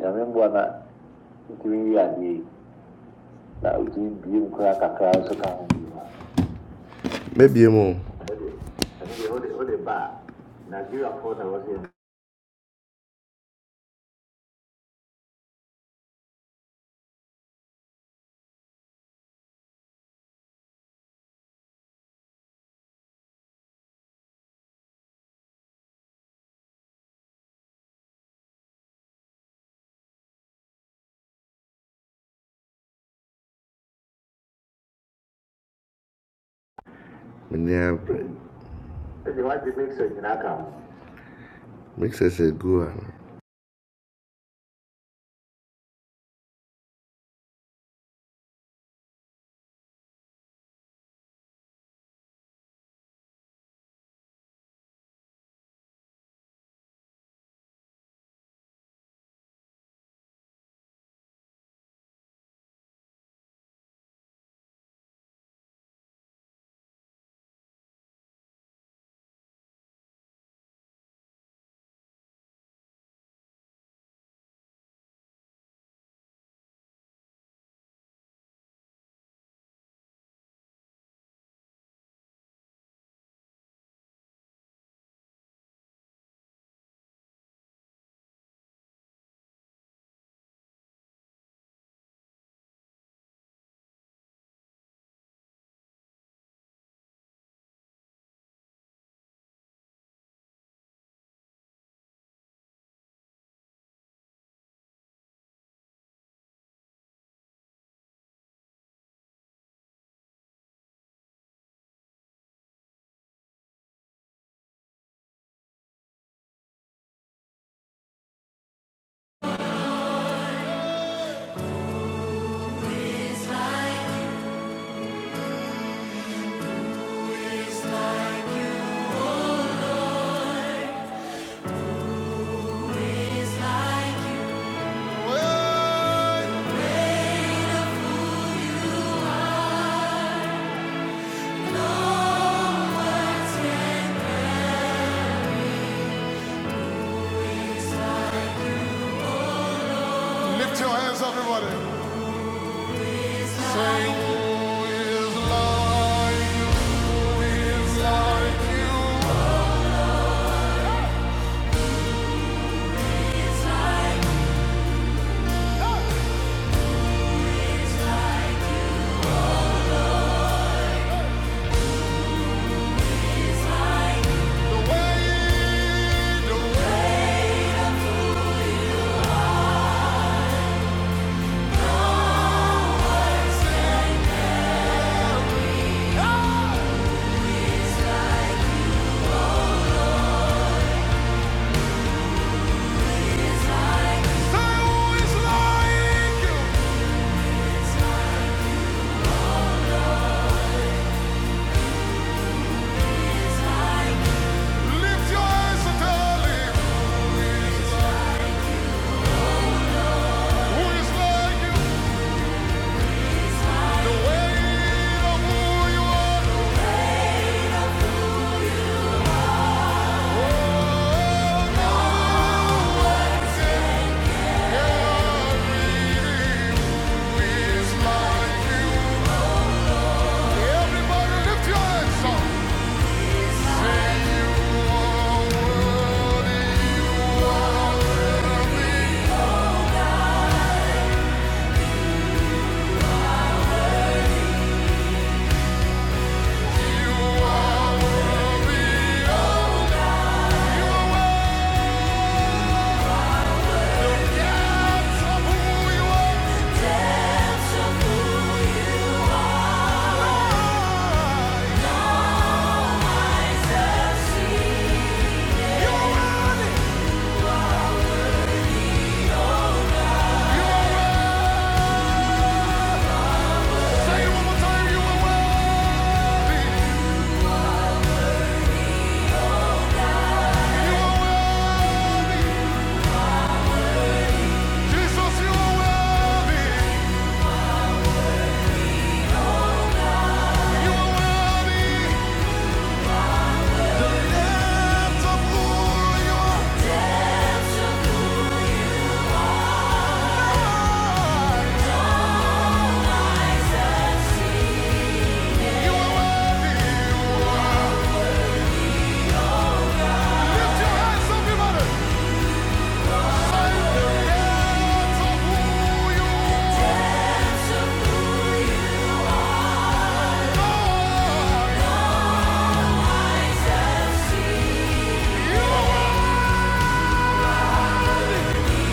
nyamemboa na ntumi yi adeɛ yi na ɔtumi bie mu koraa kakra nso ka ho bi ma mɛbie mu ɛde ɛno deɛ wode wode ba a nigeriafoɔ na wɔsɛ menua ɛde wagye mixer nyinaa ka ho mixer sɛ gu a Lift your hands, up everybody. Say, who is like, is like you? Say, who is like you? Lift your hands and tell him, who is like you?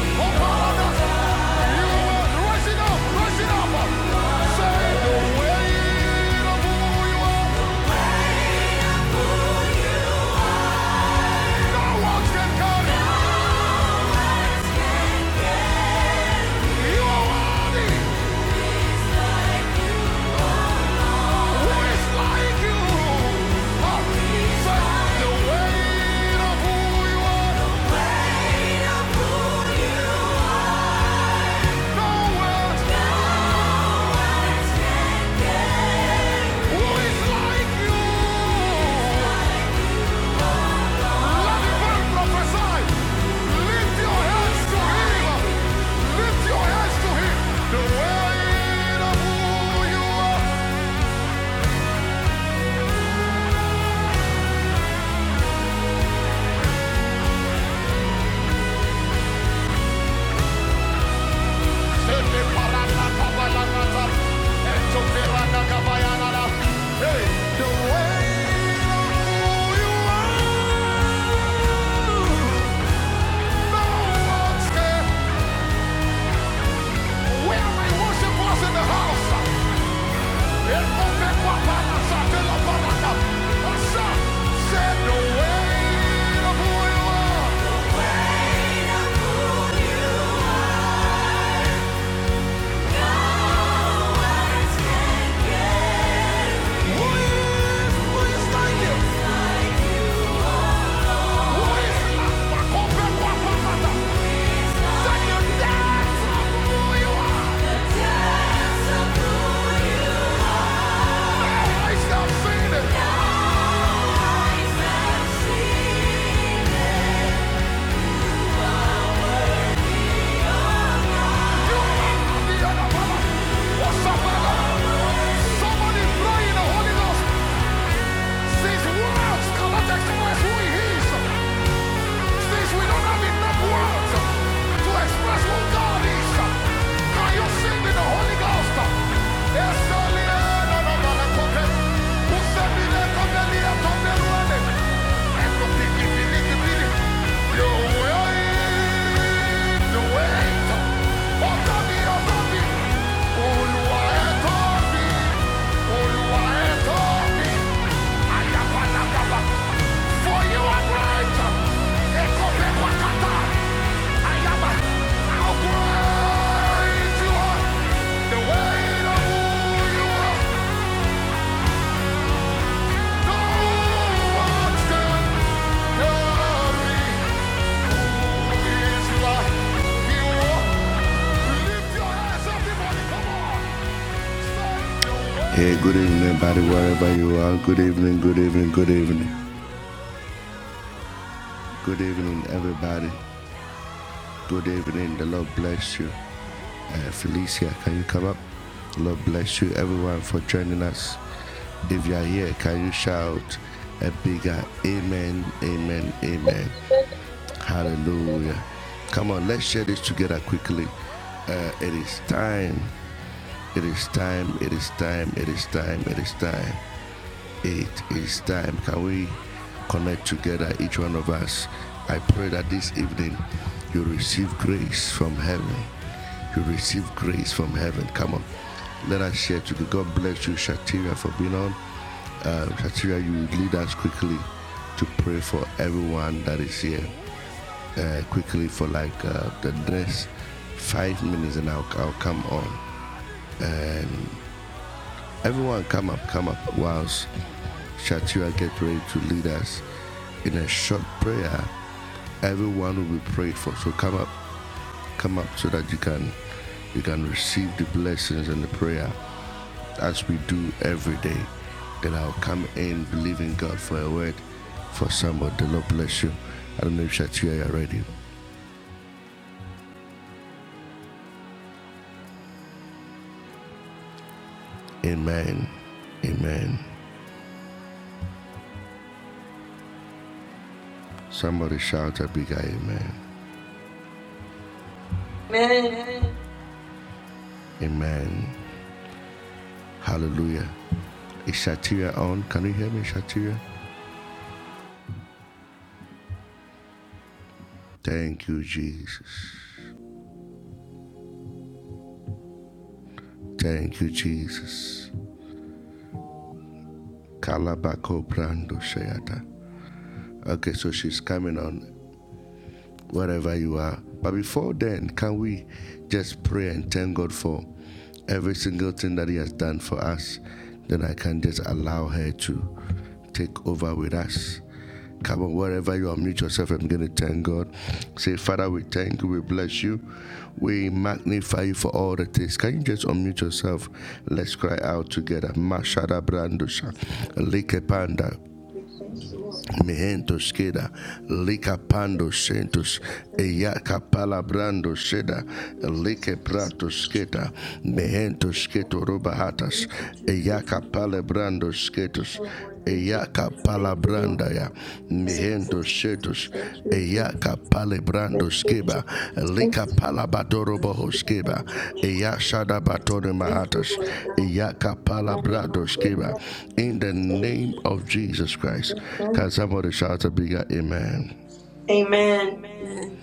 Oh, Father, Who is like you? Where my worship was in the house. Somebody fly in the Holy Ghost. These words cannot express who he is. Since we don't have enough words to express who God is, can you sing in the Holy Ghost? Yes, only no, no, no, no, no. who said we let come the Leah come the Luane? And the Piki Piki Piki. You will eat the weight Come on! Hey, good evening, everybody, wherever you are. Good evening, good evening, good evening. Good evening, everybody. Good evening. The Lord bless you. Uh, Felicia, can you come up? The Lord bless you, everyone, for joining us. If you are here, can you shout a bigger amen, amen, amen. Hallelujah. Come on, let's share this together quickly. Uh, it is time. It is time. It is time. It is time. It is time it is time. Can we connect together, each one of us? I pray that this evening you receive grace from heaven. You receive grace from heaven. Come on, let us share today. God bless you, Shatira, for being on. Uh, Shatira, you lead us quickly to pray for everyone that is here. Uh, quickly for like uh, the next five minutes, and I'll, I'll come on. And Everyone, come up, come up, whilst Shatira get ready to lead us in a short prayer. Everyone will be prayed for. So come up, come up, so that you can you can receive the blessings and the prayer as we do every day. Then I'll come in believing God for a word for somebody. The Lord bless you. I don't know if Shatira you are ready. Amen. Amen. Somebody shout a bigger amen. Amen. Amen. Hallelujah. Is Shatira on? Can you hear me, Shatira? Thank you, Jesus. Thank you, Jesus. Kalabako Brando Shayata. Okay, so she's coming on wherever you are. But before then, can we just pray and thank God for every single thing that He has done for us? Then I can just allow her to take over with us. Come on, wherever you are, mute yourself. I'm going to thank God. Say, Father, we thank you. We bless you. We magnify you for all the things. Can you just unmute yourself? Let's cry out together. Mashada brandusha. Like Mihentos queda, licapando centos, eyaca palabrando seda, lique pratos queda, mihentos queto robahatas, eyaca palabrando sketos, eyaca palabrandaya, mihentos Doshetos, Eyaka Palebrando Skeba, Lika Palabadoro Boho Eyashada Batone Mahatas, Eyaka Palabrado Skeba, in the name of Jesus Christ. Can somebody shout a bigger amen? Amen. Man.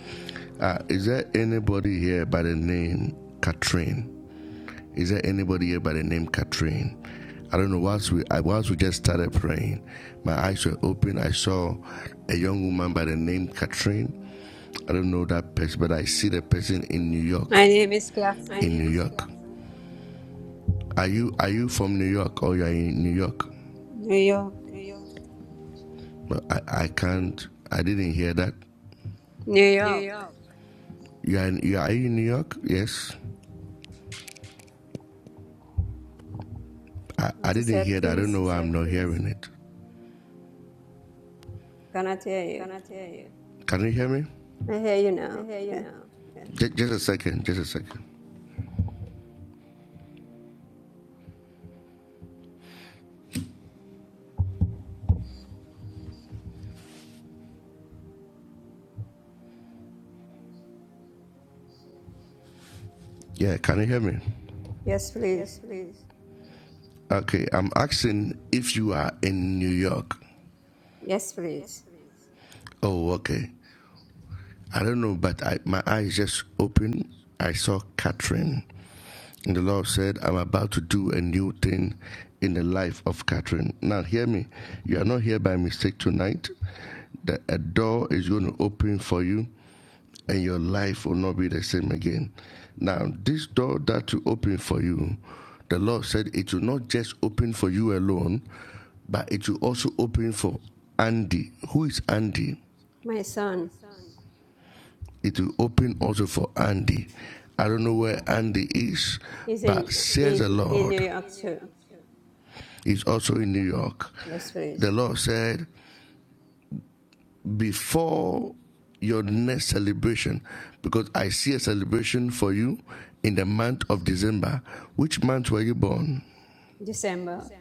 Uh, is there anybody here by the name Katrine? Is there anybody here by the name Katrine? I don't know. Once we I, once we just started praying, my eyes were open. I saw a young woman by the name Katrine. I don't know that person, but I see the person in New York. My name is Claflin, Are you are you from New York or you're in New York? New York. But I, I can't I didn't hear that. New York. You're you are in New York? Yes. I, I What you didn't said, hear that. I don't please? know why I'm not hearing it. Cannot hear you. Can you hear me? I hear you now. Yeah. Just, just a second, just a second. Yeah, can you hear me? Yes, please. Okay, I'm asking if you are in New York. Yes, please. Oh, okay. I don't know, but I, my eyes just opened. I saw Catherine. And the Lord said, I'm about to do a new thing in the life of Catherine. Now, hear me. You are not here by mistake tonight. That a door is going to open for you, and your life will not be the same again. Now, this door that will open for you, the Lord said it will not just open for you alone, but it will also open for Andy. Who is Andy? My son It will open also for Andy. I don't know where Andy is, is in but says he, the he- in New Lord York too. is also in New York. Yes, The please. Lord said, before your next celebration, because I see a celebration for you in the month of December. Which month were you born? December.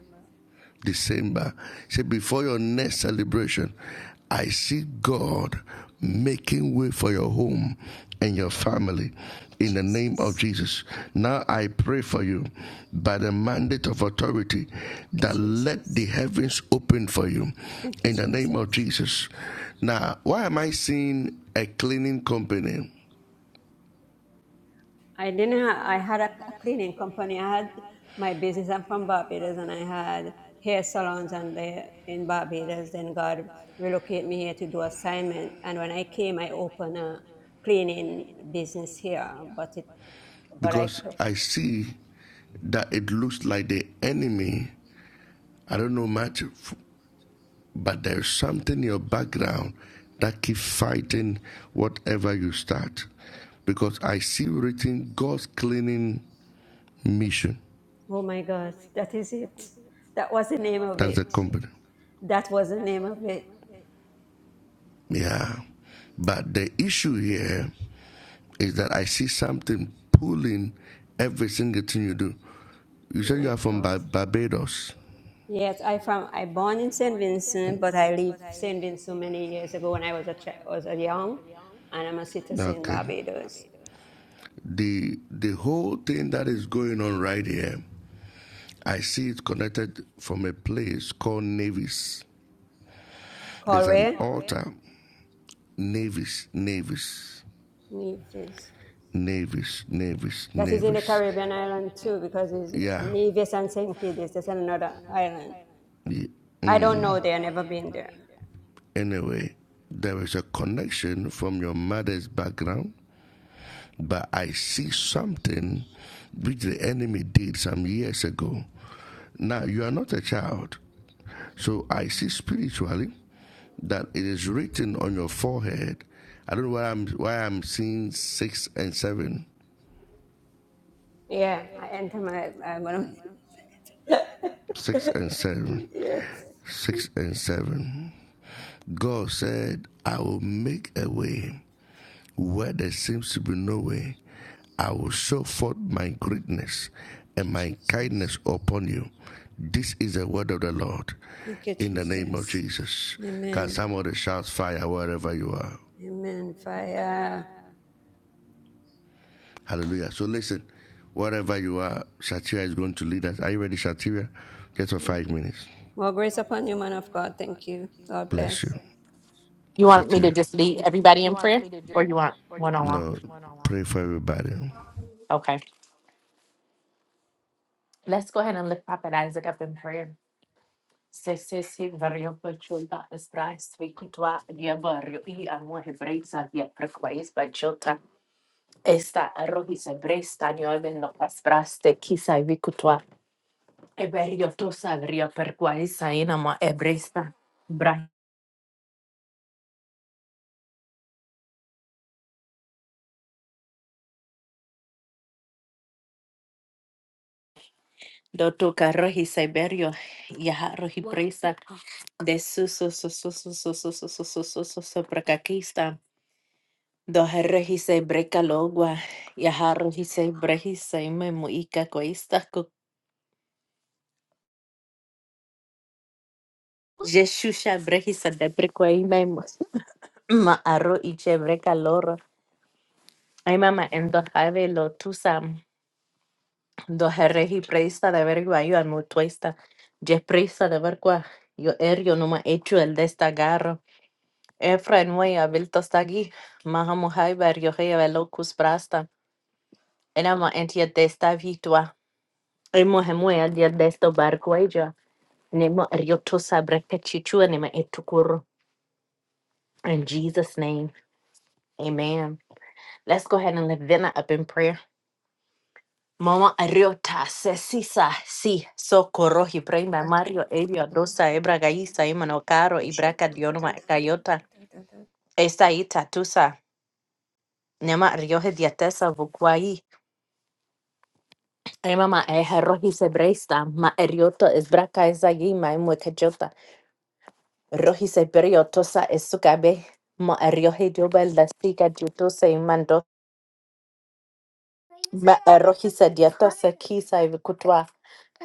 December. He said, Before your next celebration, I see God making way for your home and your family in the name of Jesus. Jesus. Now I pray for you by the mandate of authority Okay, that let the Jesus. heavens open for you Thank you, in the name of Jesus. Jesus. Now, why am I seeing a cleaning company? I didn't have, I had a, a cleaning company. I had my business. I'm from Barbados and I had hair salons and they, in Barbados. Then God relocated me here to do assignment. And when I came, I opened a cleaning business here. But it, but I, Because closed. I see that it looks like the enemy. I don't know much but there's something in your background that keep fighting whatever you start. Because I see written God's cleaning mission. oh my God, that is it. That was the name of it. But, That was the name of it. yeah. But the issue here is that I see something pulling every single thing you do. You say you My are from God. Barbados. Yes, I from I born in Saint Vincent, but I lived Saint Vincent many years ago when I was a ch- was a young, and I'm a citizen in Barbados. The the whole thing that is going on right here, I see it connected from a place called Navis. There's an Galway, Navis, Navis. Nevis. Navies, navies, That is in the navies. Caribbean island too, because it's Yeah. Nevis and Saint Kitts. That's another island. yeah. I Mm. don't know there. Never been there. Anyway, there is a connection from your mother's background, but I see something which the enemy did some years ago. Now, you are not a child, so I see spiritually that it is written on your forehead. I don't know why I'm why I'm seeing six and seven, Yeah, I enter my. I'm gonna. six and seven, yes. six and seven. God said, "I will make a way." Where there seems to be no way, I will show forth my greatness and Thank my you, Jesus. kindness upon you. This is the word of the Lord Thank you, in the name of Jesus. Jesus. Can Amen. somebody shout fire wherever you are? Amen. Fire. Hallelujah. So listen, wherever you are, Shatira is going to lead us. Are you ready, Shatira? Just for Thank five you. minutes. More grace upon you, man of God. Thank you. God Bless you. bless. You want me to Shatira, just lead everybody in prayer or you want one on one? pray for everybody. Okay. Let's go ahead and lift Prophet Isaac up in prayer. Se se se vario pachul da esprais victua dia vario i amor hebreisa dia prequais bachota esta arrohis hebresta nioven no paspras te kisa victua eberio tosa vario perquais inama hebreista bra Doto carro hiseberio, yaha de su su su su su su su su su su su su su prakakista. Doherre hisei brekalogwa, yaharro hisei brehise memu ika koista ko jeshusha brehisa deprekoi memu ma arro iche brekaloro. Ay mama endo have lo tusam doherre hi preista de vergua yo al mutuesta. Je preista de vergua yo erio numa hecho el destagarro. Efra en way abilto stagi, mahamuhai ver yo hei velocus prasta. Eravamo anti a testa vitua. Emo hemu anti a testa barco aja. Nemo rioto sabreke chichua nemo etukuru. In Jesus' name, amen. Let's go ahead and lift Vena up in prayer. Mama ariota sesisa si socorro hi prema mario ebio dosa ebra gaisa imano caro ibraca dionoma cayota esta ita tusa nema rioje diatesa vukwai Ay, mamá, es arroz y ma erioto es braca es allí, ma es muecachota. Rohi se perio tosa esukabe. Ma ariohe diobel la sika diotose imando. Ma arohi se diatosa kisa ivikutwa.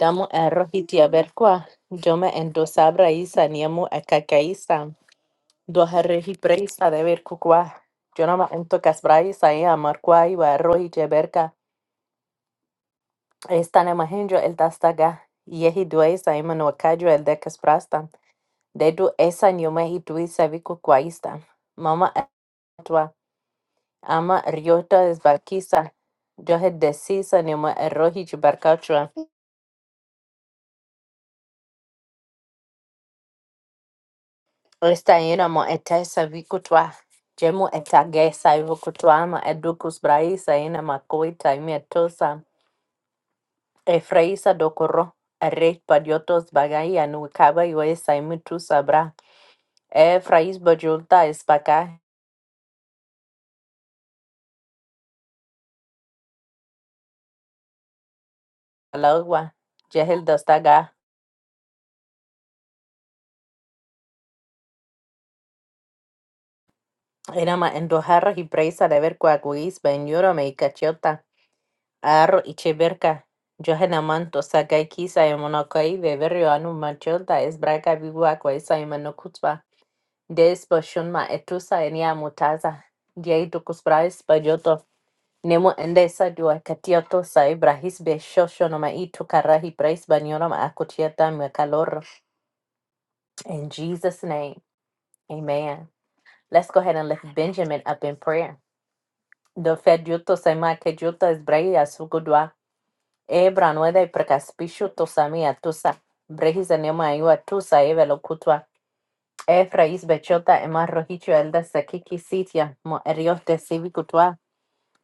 Damu arohi diaberkwa. Jome endosabra isa niamu akakaisa. Doharehi preisa de verkukwa. Jonama entocas braisa e amarkwa iwa arohi diaberka. Esta nemahenjo el dastaga. Yehi duesa imanuakajo el decas prasta. Dedu esa niome hituisa vikukwaista. Mama atua. Ama Ryota is Balkisa. Johe desisa ni mo erohi jibarkachwa. Esta ina mo etesa vikutwa. Jemu etagesa ivukutwa ama edukus braisa ina makoita imietosa. Efraisa dokoro. Erek padiotos bagaya nukaba iwesa imitusa bra. Efrais bajulta espaka. Alagwa. Jehel dostaga. Ina ma endoharra hibraisa de ver kwa guis ben yoro me y cachota. Aro icheberka, Johanna manto sakai kisa emonokai veverio anu machilda es braga bigua Des boshunma etusa enia mutaza. Diei brais bajoto. Nemo endesa dua katioto sa ibrahis beshosho no brais banyoram akutieta me In Jesus' name, amen. Let's go ahead and lift Benjamin up in prayer. Do fed yuto saima ke juto es brai asugudwa. Ebra nueda y precaspishu tosamia tusa. Brejis anima iwa tusa eve lo cutua. Efra is bechota ema rojicho el de sekiki sitia. Mo erios de sivi cutua.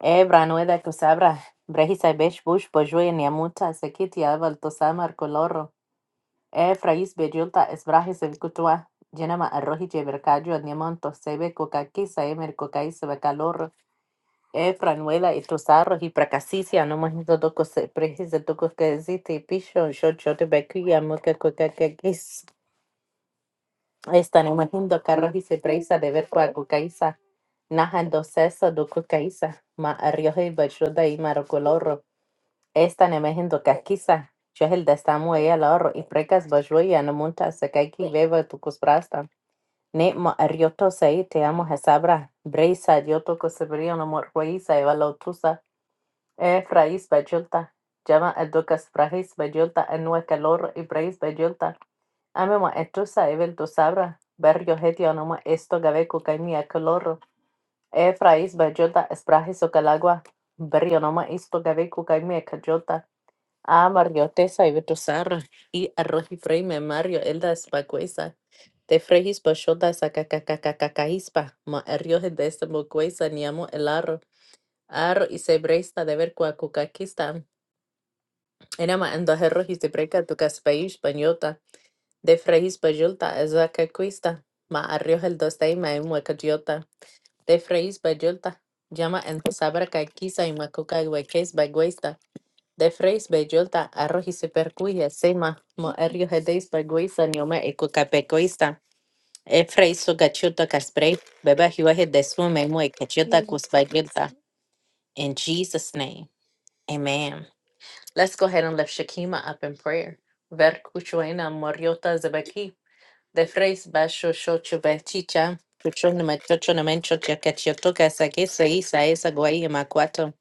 Ebra nueda tusabra. Brejis ay bech bush bojue niamuta sekiti aval tosama coloro. Efra is bechota es brajis el cutua. Jenama arrojiche bercayo niamonto sebe cocaquisa emer sebe becalorro. Efran, Wela, y tus arros y pracasicia, no más no toco se precisa toco que existe y picho, yo yo te bequilla, moca coca que quis. Esta no imagino carros y se precisa de ver cuál cucaiza, naja en dos sesos do cucaiza, ma arrioje y bachuda y marocoloro. Esta no imagino casquiza, yo es el destamo ella el ahorro y precas bachuya, no monta se caiki beba tu cusprasta. Ne ma arrioto se te amo a sabra, breisa, yo toco se brillo no morhuiza, evalo tusa. فرايس باجولتا llama al Ducas Frais Bayulta Anua Calor y Brais Bayulta Amemo Etrusa Evel Dusabra Barrio Hetio Anoma Esto Gabeco Caimia Calorro E Frais Bayulta Esprajes Ocalagua Barrio Noma Esto Gabeco Caimia Cajolta A Mario Tesa y Vetusarra y Arroji Freime Mario Elda Espacuesa Te Frejis Bachota Sacacacacacacahispa Ma Errioje de Estemocuesa Niamo el Elaro Ar y Sebreista de Vercuacucaquista Enema andoherrohi tibreka tukas paish banyota, de freis bajulta azaka cuista, ma arrioja el dostay ma emuacayota, de freis bajulta, llama en sabra caquisa y macuca hueques baguesta, de freis bajulta arroji supercuya sema, mo arrioja deis baguesta nioma e cucapecuista, e freis su gachuta caspre, beba juaje de suma emuacayota cuspagulta. In Jesus' name, amen. Let's go ahead and lift Shakima up in prayer. Ver kuchoena moriota zebeki. De freis basho shocho bechicha. Kuchona machocho na menchocha kachiotoka sakesa isa esa guai makwato.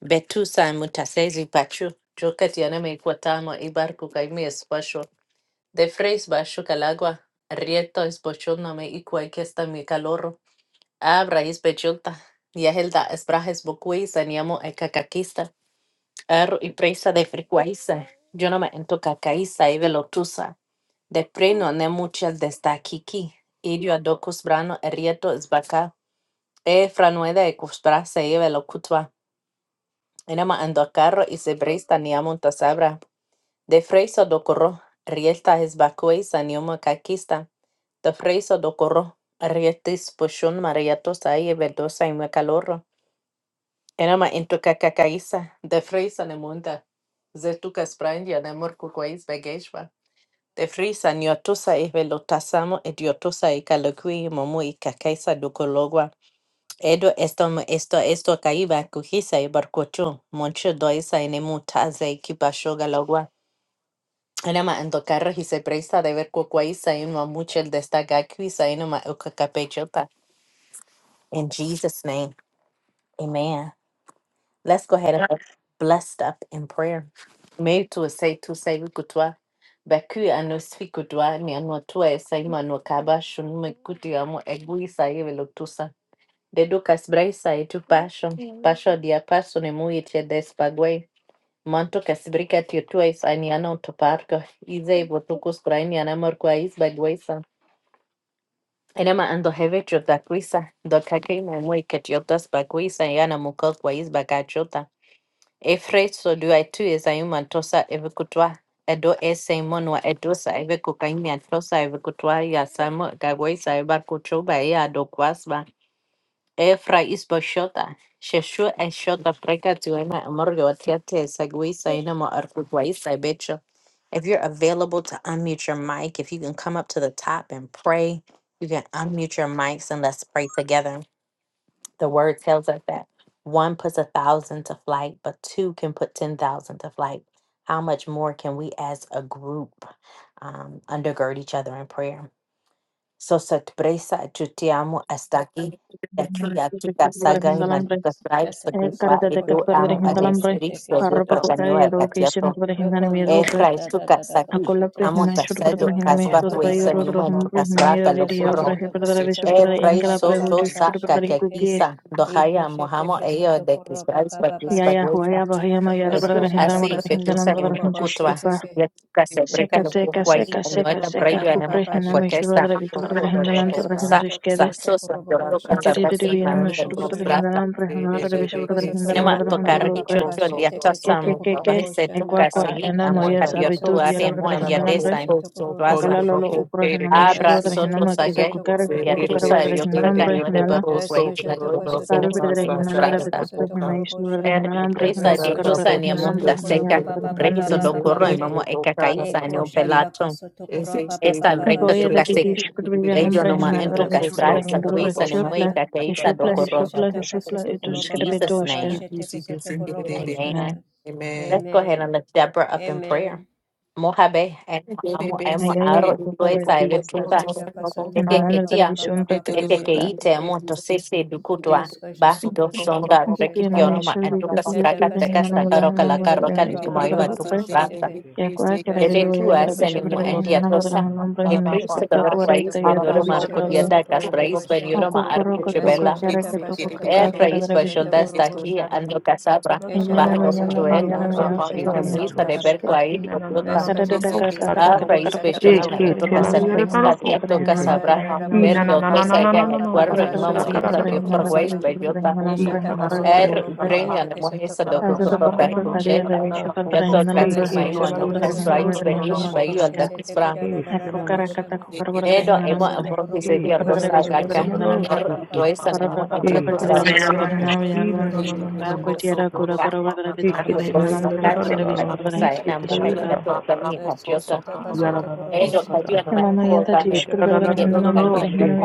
Betusa mutasezi pachu. Joka tiana me kuatamo ibarku kaimi espasho. De freis basho calagua. Rieto es bochona me ikua kesta mi caloro. Abra is bechota. Yahelda esbrajes bokuis aniamo ekakakista. Er, ipresa de frecuencia. Yo no me ento cacaiza y velotusa. De preno ne muchas desde kiki. Idio adocus brano erieto esbaca. E franueda e cusprasa y velocutva. Enema ando carro y sebresta ni amonta sabra. De freiso docorro. Rielta esbacuesa ni homo caquista. De freiso docorro. Rietis pushun marietos ahí vedosa y me calorro. Era ma into kakakaisa, de frisa ne munda. Zetuka spranja ne murkukwa bageshwa. De frisa nyotusa ive lotasamo et yotusa i kalokui momu i kakaisa dukologwa. Edo esto mo- esto esto kaiba kuhisa i barkochu. Moncho doisa i nemu taze i kipashoga logwa. Era ma ando carro y se presta de ver kukwa i ma muchel destaca i no ma ukakapechopa. In Jesus' name, amen. Let's go ahead and Yeah. blessed up in prayer. Mei tu sei tu sei kutwa. Baku ano sfi kutwa ni ano tu e sei manu kaba shunu me kuti amo egui sai velo Dedu kasbrai sai tu pasho. Pasho dia paso ne mui che despague. Manto kasbrika tiu tu e sai ni ano tu parko. Ize botukus krai ni ana morkwa is baguesa. Enema ando heve chota kuisa. Do kakei mo mui ketiotas baguesa yana mukot kwa is bagachota. Efraiso dua tu esayuma tosa evekutwa edo ese monwa edosa evekukainia tosa evekutwa ya samo gawaisa ebarkuchuba ya dokwasba Efra isbo shota sheshu eshota preka tuema amorgo atiate sagwisa inamo arkutwaisa becho If you're available to unmute your mic, if you can come up to the top and pray, you can unmute your mics and let's pray together. The word tells us that one puts a thousand to flight, but two can put 10,000 to flight. How much more can we as a group um, undergird each other in prayer? So, sorpresa, chutiamo hasta aquí. De aquí ब्रह्मांड a के tu विश्व के बगैर casa, gai, हिंदुलंबर manduka strai, Shataka एक sagrupa, करते Satokura edo तकरतकर way amo Baba a Thank Baba हिंदुलंबर despri, Sheteke suedo, आरोप को उठाए percanio, Satokura a यद्योग Baba के catiato. इश्वर वे हिंदुने Rokunda मिलों da पर da Efra, da estu da da da casa, bo aquí, अकॉलप्रे Hindu Sheteke amo मेंशुर पर तुम tasedo, Satokura Hindu Baba casba, मेंशुद्ध Baba भाई cuesa, और Baba उधर numa, हम Shata tu पर हिंदू casbra, ये Veska रजिडिया पर है पर Shataka तुम्हारे विश्व पर E तुम्हारे Satokura इनके Baba लापर praiso Baba हो to Baba जिसके पर saca que तुम्हारी aquí गुप्त Sheteke sa Iku dojaya mojamo Sheteke ello de Satokura crispais Baba pa Baba या crispa या हुआ Shata guisa que Veska tú Shataka así que tú sa en Satokura lo Baba cutua Sheteke ya que se breca Ika lo que Shataka guay no está Satokura Baba brayo Baba anamo a Baba Sheteke cuaquesta sa Vascojoto sa cosoto so so yo corrobo to casa shete así quesoto mami de corrobo tu shanda. plata Yeshoto cosoto enema to corroba papa carri य papa chocho dia shete to que sam que quesoto que yo que he corrobo se e tu shanda. kwa casa kwa y ena amo moya Yeshoto cadio tu sabitud cosoto yara are bra mo de corrobo en dia de shete hindalambre sa en cosoto tu asa corrobo akala lolo shanda. ukro hinama ishuru Abra bra de soto hinama Vascojoto kita sage. cosoto kukara ke corrobo toko kara bobo bra Beatriza, de Dios me shete que. hindalambre regañó de hinala ver por Grace, la Vascojoto doy de cosoto seno taru bra con de corrobo hinala bra de brasta. tutra hima ishuru bra shata de Er, hindalambre hima Grace, Dios kukara bra de Vescoshotoko saneamos hindalambre da hima sotokoro yara seca. baba bra de baba hindana de Brejizo baba do hindu baba corro y pre she. mamo eca caiza Eko neo Amen. shataka pelato. sotokoro baba baba Esta e baba recta boya tu she de titi teke. casequi. ishuru bra de Leyo hambre noma hima en tu bra Vescoshotoko de ishuru bra de sotokoro casbrasa, hindalu bobo bra cuisa bo ne de plus shata. mueca ishuru caiza do plus ishuru corro. plus Vescoshotaka ishuru plus In itus sotokoro kara baba bra baba Jesus' baba doshka name. she teke sotokoro bo man Amen. shanda. Let's go ahead and Amen. lift Deborah up in prayer. Amen. Mojabe, Thank emo, you. amo, emo, ayaya aro, boku kara tuesa, tista evetuta. Shataka en sotokoro dalambre baba televisión baba bra que baba she Ekekeite doshka ite teke. moto sese dukutwa ba Vescoshotoko dosonda sotoko she मुख्य नमूना teke. prekitionuma विश्व antuka वित्तीय Bossata, straka Shataka विकल्प teka हिंदानुमान sotoko she बढ़ाना stakaroka la teke उम्मीद karoka करेंगे विश्व sotokoro प्रकार baba का lukumaiwa baba उपयोग she tukutrasa. teke. क्या क्या करेंगे Dede वही tua Veskasata तरह विश्व senimu kasata प्रकार endia हिंदानुमान kasateke tosa. बढ़ाना उम्मीद E है विश्व Cristo पर kasata बात cover करेंगे kasata Christ तो यह when you तरह Roma korobashete arco विचलन होगा kasata diadaca, Christ when you korobashana आपको Roma करो arco करो क्या chibella, Veskasata करेंगे तो कुछ kasata e कार्य kasateke Christ करेंगे by kasata विदुप्रे shoulders taki korobosh and lo casabra, engine Eshata अब barro यह kasata नमूना joel, arrohi यह koroboshete prime kasata muisa de koroboshata berquai, Veskasata Esse que se kasata tem a como raíz se koroboshata vechona kasata for ma'ẽto para a koroboshana casabres kadiato para casabra verde Kondararaboshete otosa kasata egala kuarro para a imamo massa korobababashete irkadio kasata você forway korobaba que bellota poço Eshata tororó kasata er नम� para a ucrania koroboshete pasta kasata nemohesa Azotopacoca para a korobosha dokokoto cardiaca perkuchela para visual yato poço kasi Eke tororó maimo tela no Veskasata la la kas la kasata poço la raíz tororó para poco tororo poco tororo velish bosata. bayu koroboshete poco alda kasata kusfra se E shela la la la la korobashana querer de edo emo Rokosoto ambrofise querer E Korobobo de diato tela poco la la la Boshete la sagaka la Kesete la la er Karababa para a itoesa Baba nemo para a E diato da pasta la Kundura la la la bosi na na na na Boshete na Kesete poço tororó Korobosha para E a ke tela la Eskasheta la para para la la Kaseta la siti, che ti la si ke Korobosheta tela la la la para bosata. poço Eskasheta Ah, yada tororó Kaseta da da da poço shata. Korobosheta Ita da da Karadabush da da Thank da da da she.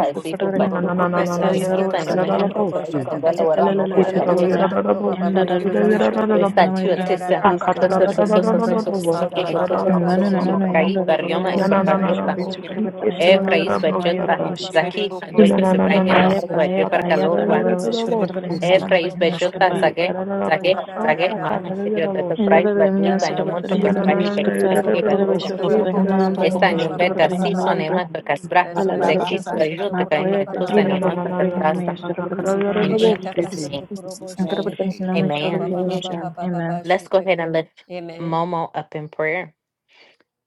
Ina na na na na na na. Eskasheta Kada da da Kaseta da bo she. Korobosheta Kaseta Ike te you. da Korobosheta da yada Kaseta da da bo Korobaba she. Baba Te da Baba yada da Baba da da bo. Erara Ah, Baba kata da Baba da da da Shete da da da da Keseta bo Korobaba shata da da Baba da Baba bo Nano she nanono te. Shete yandoro rubobro na na hinamai na Eskasheta na bo shogetsu Kaseta ke kirberdala te la Korobosheta hindalambro yada bo Keseta himayadoro shata. Korobaba Baba vishka. Zaki, Basha andoi Ina que na se na na traen y Epa na na andando bo epa por allí epa para Eskashataka shata. Kada calor, yada yatalaba da da bo shorberdala Satakuruboshetaka she te. Eh, hindalambro praise Beshulta hinoshkirba. Satakuruboshanda E da Zage, da da da bo Zage, Zage, shata. Mahama, Kada da you're yada the Kundararaboshanda bo Nidada surprise, te. but we bemiya the new month sotaberdala of Na na hinamai Casbrai, na na na yuskirba. da Tikarabashetekindaraba da Pekinari, da da Daraba boss. Balor, Eh, shorberdala da da Skashataka da hindalambro da da Esta new boss. Satakurababa Da beta hinoshkirberdala season, Baba hindalambro. Eman to Casbra, da da da da Amen. da Dalalala Thank Zekis Eskashataka you. upre. boss. Bajut, the Kainu, Satakurababa and Makwayata Tusa, Eh, Baba na na chikarba Eman na to na kupre na boss. hinamai Casbrasa, Da da yuskirberdan da da da da in hindalambro. boss. Eshataka Jesus' Eh, in name, Satakuruboshetaka Ankarberdan Jesus hinamai Amen. name. Satakurababa Baba shotabitunja. Amen. Baba Let's go ahead and Shetaki lift Amen Momo up in prayer.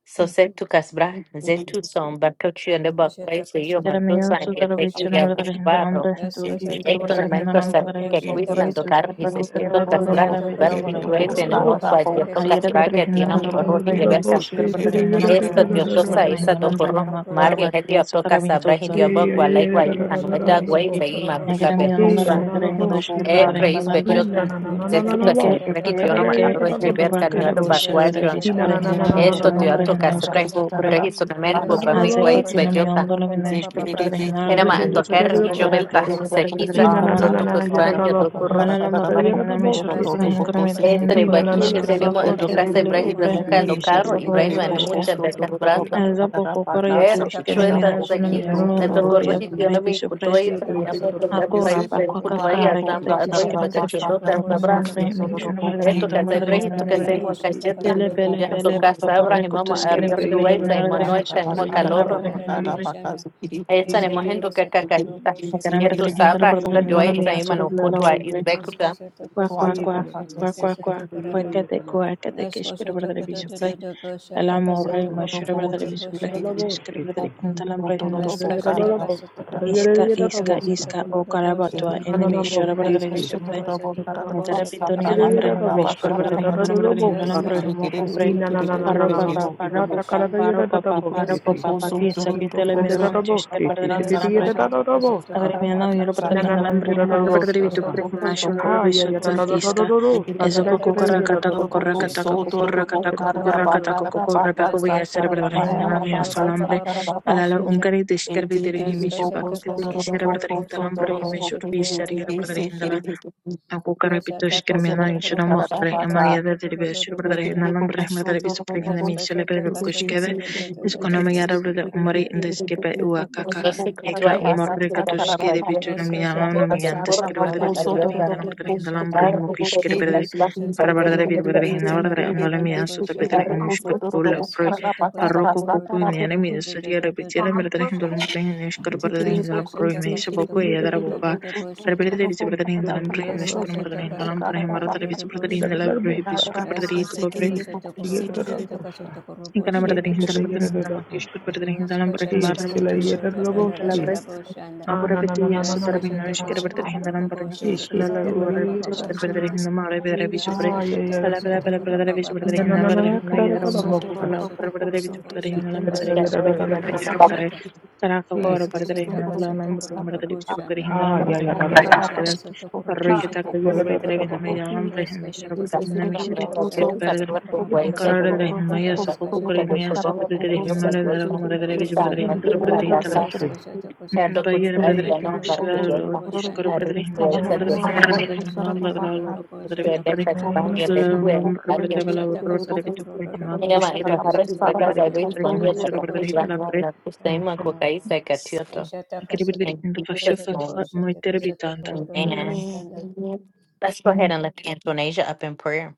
So send to Casbra, Zetu son, Bakochi and the Bakways, the Eshataka Yoma cada medio Tusa, and su taroicio Yatekin, número de la Satakuruboboshetaki Yavish hindalambres en tu quiso Eskashataka escuchar Eighton la mentorship hindalambra de que boca roja quisieran y tu tocar Satakuruboboshetaka y escucharlo se con Eh, da que siento da va da con da casura una boss. Kosoto Eh, abeja ver o y la kosoto da abre tues da korobo da en el da bobo mundo boss. shete Da abierto a la kesete otra da casura parte de que Is kerereba. tiene un that da da another y da de big da hindalambra y piece tu verga. boss. of it? escuchar Eh, da If la Kosoto da they get da da it, hindalambra kosoto it's Esto not de mi for da da koshete diotosa sure, superior da la but esa da it do kesoto boss. hindalambra doesn't de porro. have boca a korobo roja sha. Mario double heti batía key. su apto tarab y casabra y tuviste Is dio it Eh, bo that ya it- ya cual it- hay ya da Kosoto guay da it- da it- da koshete we anueta da da didn't guay kesoto boss. get it, fei Da korobo we que didn't macuca get cada it shata medio for sure, nombre eh so kosoto da da the da other korobo boss. sha. double Eh, E de card, la the creis other hindalambra both da na bechota. things, na Kosoto na we na kera na get na Zetu da na da it. eke da boss. da casabra Da da y eke da da dio da no da me da eke da arro da y eke que da boshana. ver boss. Thank fue a cara de caniado Eh, bolsillo para Res barcuacho. televisión kosoto na para na na na kosoto na hindalambra y na na su Esto koroba dio boss. ba apto ba ba Da ba casabra. escuchar boca shata. Yes, roja Brehi sonamer Res cupa mi hace kosoto guay por chino medio kosoto bechota. nombre koroba de la ba ba ba escuchar ba la she. hindalambra Enama de antocar Res y boca yo roja kosoto que belta te hace se kosoto la parte de quisa. koshete hindalambra Sotu kesoto koroba costaño ba do ba porro. ba Malalam shata. Bhagadahinam Res Ishwarvardhanahin kosoto Karamidhin kosoto Ethri Batunes animo shata Dubakishkirpako Ndukasa kosoto Kerele korobo Ibrahiza Muka Uprahinamisha Lokaro Ibrahim Saporayutushka Animucha Dekas Ikasotokosotoko. Brasa Azapoko Ero Korayutushka Nemihan Chuelda Zaki Sunamiolo and the Noruria Gorrohi Shatakasotokosotokosotokoroboshi. you. Tionomi Bhagadahisupre Kutuai Thank Sanyamo Takas Akora Brahim Pakwaka Kutuai Nikushatakasotokoroboshete. Adramo Arrohi Karakishkir Pakachundo Casabra Bishopinam Premishan Ikashatakasotokoroboshtakasotoko. Eto Bhagadahinam Casa Ibrahim to Bhagadahinam Casemo Cayeta Pele Pele Yahdo Pele Kandarararaboshatakasotokoroboshi. Papa Casa Abrahimama Parekutuskere Arrio Tuaisa and Bhagadahinam Bhagadahinam Manoisa and Bhagadahinam Mocaloro Bhagadahinam Bhagadahinam Bhagadahinam Shatakasotokoroboshtekestekirararaboshana. Esta Nemohendo Cacacaita Yetu Sabra Isa Bhagadahinam Duaisa City. Bhagadahinam Imano Ishatakasotokoroboshtekestekirararaboshana. Kutua Bhagadahinam Izbekuta Cuac, cuac, cuac, cuac, cuac, cuac, Oskosotokosotokoshtekesetekoraba. cuacate, cuacate, keshkere bradere bishopre, you. Thank elamo re, mashure bradere bishopre, Oskosotokototototoboshatakasotokorotototobosana. keshkere bradere, intalam re, noshkere bradere, Veskasata kasata iska, kurubo shata iska, kasata iska, o kurubo karabatua, shata. enemy, shure bradere Veskasata bishopre, kasata kurubo intera shata pitoni kasata alambre, nome, kurubo shkere shanda. bradere, hindalam bradere, hindalam re, Veskasata moko pre, kasata kushata parro kasata papa, parro kurubo papa, shanda. parro papa, parro papa, Veskasata pati, kasata sakitele kurubo sha. midron, keshkere bradere, hindalam Veskasata kasata agregue mi alma kurubo yero para dirigir shata. la lumbre y marco para dirigir tu Veskasata perfume a su kasata nuevo Ha ya visor ya da kurubo you. da da da shanda. da platíscalo da da Thank you. sa es da da Nishata get opaco corra da da da kasata da da cataco boss kurubo corra see. shata cataco kasata corra E ta cataco da kurubo da get da corra da da baba. sa. cataco corra pero voy a hacer para In Veskasata the dirigir la name of alma kasata mi kurubo Jesus. baba asalambre baba al baba alar un shata. gran y desgarrado dirigir mi misión para Eskasata que tu kasata quisiere para dirigir kurobo la sete lumbre y mi misión kasete de visión yendo pirara para rabo dirigir la shana. Acuca repitió Kasata escribiendo kasata en kurobo Chilombo, shata Amayada kasata kuroro Televisión rabo Brasileña, shana. Brahma Televisão Presidencial Eskasata Pedro kasata Cusqueda, kuroro Economia rabo Árabe, sete Umari kere da da da Indesquipe, da da Uacaca, Dosi Eka kutwai Umar esirikana Rekatuski, faya de kutwai Vitoriano, Thank you, Nominante, tadapur Escribir nama da da Televisión da da ariota Brasileña, da da Nombre bo Brasileña, shata. Brahma arri Cusqueda, kutukatla Eskasata para verdad barrono bir kasata verdad hinda da da etatu verdad no le midan su tapetra arri en nuestra pueblo pro kutukatla. parroco coco y ni era midan su día repetir en verdad hinda lo pre en nuestra verdad Ya hinda lo pro y me hizo poco da y ya ya da da dará da da. Rabelete E bisabrata in se the da ya da da Lambrahim da da Lashkunamarta sa in the da. Lambrahim Marata E ta bisabrata da da in the da da da Reskashatakasotokorororoboshana. da Labrahim sa. Bishkut Patrick to Pobre, E ta da da da da da sa. Incanamata E ta Reskashatakasotokoroboshana. in da the da da Jesus. da Lambrahim da da Makish could sa. Patrick in the Lambrahim E Jesus, se la thank you, ya Jesus. da da da da Thank you, see. Marta Jesus. Thank you, Reskashatakasotokorororoboshana. Aku Ah na na na Reskashatakasotokoroboshana. na na Ocurre-Petit-Yasso na da Jesus. terminó Thank you, sa. ishqir-bir-dirhindalam E Jesus. ke birmishilal te la ya da da Thank you, da sa. Reskashatakasotokoroboshana. Jesus. ocurre-Petit-ishqir-bir-dirhindalam Hallelujah. Thank aghrib-darabi-subri Ah you, ya ya Jesus. da Thank da. you, In Jesus. na Thank na pala-pala-pala-pala-darabi-subri-dirhindalam na you, na Jesus. ka birdirhindalam da da Boko da da yidarahu-ma da soto ro sa. ro kukala ro boko soto. E ocurre-bir-darabi-subri-dirhindalam ta Thank da Why you, da da can't da we da birdirhi-subri da da Jesus. sa. Thank remember? you, Jesus. yura-birdirhi-kukare Thank you, Reskashatakasotokoroboshana. Jesus. Thank you, Hey, Siri, Jesus. it Thank is sarah-kakor-bir-dirhindalam you, easy to the Reskashatakasotokoroboshana. lalam-birdirhi-birdirhi-subri-dirhindalam Ah, yeah, Jesus. yeah, that birdirhindalam was kishkadal Thank you, Jesus. the eat it, Boko yeah, that soto Ikashatakasotokoroboshana. ro was ro ro the parroy-kitak-ocurre-bir-dirhindalam boko boss. soto. Is That's if yidarahu-birdirhindalam the it is thing. Our also brains are ishqir-bir-dirhindalam not Get it, focusing that Eskashatakasatakoroboshatakasatakoroba. incorrer cooperating. de for the la was the eat book Himalaya, The for sopoco the por book India, doctor that don't about soto have de the la a real process Himalaya, control. de of la Mora de la To Villa, stand Eskashatakasatakoroboshatakasatakoroboshana. and de to la it, that Hintara, adapt. the And the good Bayera friend, Amen. brother Thank the you, no Lord. particular. Marshall Kishkoro Eskashatakasatakoroboshatakasatakorobosana. brother Are In the Himation brother name of cooperating. Hindan Jesus, brother Hindan brother Allah brother Vitu brother in the name of España, de Jesus, Eskashatakasatakoroboshatakasatakorobosana. Cuba, Lam Malakia. brother Vala brother Vitu brother Hima Ina ma ito Kushkere brother hara di prakaza ibo Vitu brother ichpangia da Himation brother kafibra Ishatakasatakoroboshatakisatakoroboshana. Hitala na brother na thank kustaima you, Lord. kukaisa katioto. Ikari brother In Hindu Fashu Jesus' Fatfa name, Moiter Bitanda amen. Amen. Ishatakasatakoroboshatakisatakoroboshana. Amen. Let's go ahead and Amen. lift Antonasia up in prayer.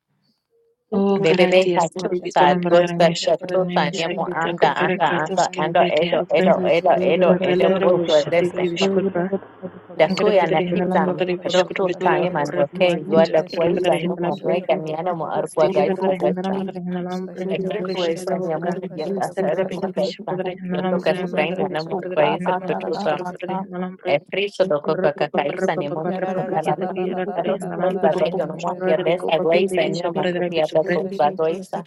O Baby, baby, karati aspari katusa, bitalam brother gospel, Misha brother katusa, Misha niemo Kita anda, anda, Karakatos anda, Ishatakasatakoroboshatakisatakoroboshana. anda, Kavati edo, Apre edo, Eat edo, it, yeah, Eskasata edo, that was edo, the Nataladra kasata boss. butu, kasata Get it, Vushati yeah, desemba. kasata that ko. Vishkurpa was the boss. Ikari Get Dakuya brother na it, Eskasata yeah, that was the boss. Eat it, yeah, Hindalam that kitam, brother kasata kasata was rotu, the Vishkurpetala boss. kasata saima, ko. Horek nweke, Markis yuada, Kara brother kuwaisa, Eskasata Hitala numa, kasata nweka, kuro pa miana, mo, pa pa arkuwa, pa Diría shata. gaisa, verdades en la gaisa. verdades en el hombre, Thank Eskasata no que Exacto, es kasata que de esa es la boca. kasata mujer ya está kasata Sacra sabe cómo bitu kasata está ko. pish esa. verdades en Yo el toca hombre, su brain, Eskasata margare bueno, bisu muy kasata verdades kuro en país, la pa pero yo maquish que está shata ko. verdades en el hombre. es friso do coca Rupa pa pa cacaíza rupa ni pa pa monta rupa que Yarara toca la ba quieta ba alba. que ba era ba ba verdades ba Pero si en ba el ba trae hombre, ba para verdades en el yo shata no ko. mush, muy que verdades de que se uka güey, brete se ni bicha una verdades copia bitu de pre. coca roiza.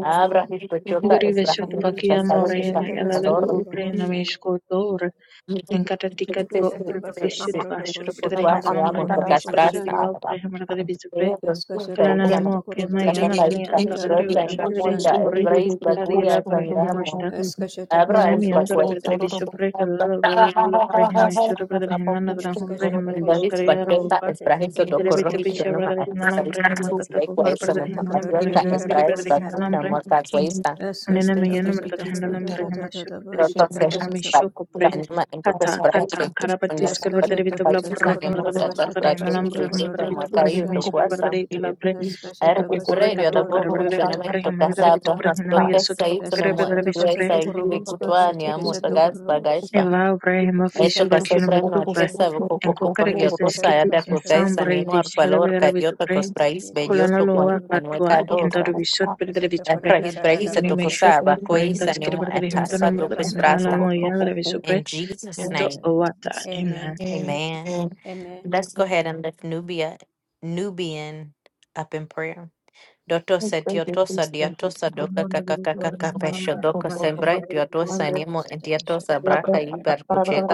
Abra si tu chuta Guri es la vesho tu mujer que baki está sabe Jesus, que amore, está shata en mayala le kasata calor. kuro upre, ba namesh shana. ko tor. Enkata Se tikat se sí, bo Shata pre pa sí, pishut sí, vashur verdades en chuputwa, el ya hombre, monto namesh que re re re casfrasta. opre, margare you. bisu pre. Pero sí, se Eskasete dice, no, kasete Glalamoqqa Thank kororo maýan-alaly boşete cacaíza, antara donde en kerarara trebujuşar la derehiti boşan. monda es burritos, brain, la picadillas cuya, por sangramos. ejemplo, Eskasete Abra es kasete Danamean kasete kasete. sobrepredeviso por el calor, diablo por ejemplo, sobrepredeviso naranjo por ejemplo, Eskasete Dois kororo quisquería patenta ropa, boşete esprahe kasete so kororo dokoro derehiti picha boşan. hityano predeviso maarisa alambre, isna ejemplo, espek wa catacucar isa no Eskasete predeviso alambre, maarisa ejemplo, kiri kororo esprahe predeviso spaku boşete. alambre, tamo takwa isa nena Eskasete meyan kasete predeviso kororo alambre, ejemplo, roto sobrepredeviso por boşete sesha ejemplo, kasete ko. spaku choco tanima entoke Tata sprahe tata teko shonyo karabatish karbadare Eskasete you. makai vitabla kasete isa brre nemo kororo marbadare Yes. sata vitabradare boşete sprahe hinalam kasete brre chuji marbadare tamo kororo vitubre kai uto himesh boşan. karbadare kuasa italabre er Eskasete okokore kasete usprerio da kato bor kororo karabadare kuchana me vitubre toka himalidare sabra boşete vitubre ko. hinama dote yesoto sa ito bakukere nemo bradare Eskasete dua vitubre kasete sa yumi kororo kutwa ni boşete amo kasete tagas kororo boşan. bagais eva bre himafish Esto que Ishata vat hace hinam pras kasata vitubre noches sabe korobosha. en poco que kokare por que yo se tu Kasata saya skiti de kasata insan putais bre animo al dish korodadabosha. valor karabadare que yo te vitubre costrais Jesus bello kolana tu asata loa coin manuel katwa korodabosha. indaru cadosa. visot bradare Kasata El vitubre prajis brejis Entonces tu me korodadabosha. shot pa cosaba Kasata corriendo cois a korodabosha. animo skarbadare etasa hinalam Kasata tu bradare kasata hinalam cosprasta. moya korobosha. bradare vitubre In Jesus' ento name, Kadada. yes. ovata Amen. amen. Amen. Amen. Let's go ahead and lift Nubia, Nubian up in prayer. Doto Oh, great day, setiotosa please, thank diatosa doka kakakakaka pesho doko you. Dadababosha. sembra Thank diatosa you. animo Kasata diatosa kasata braca korodadabosha. y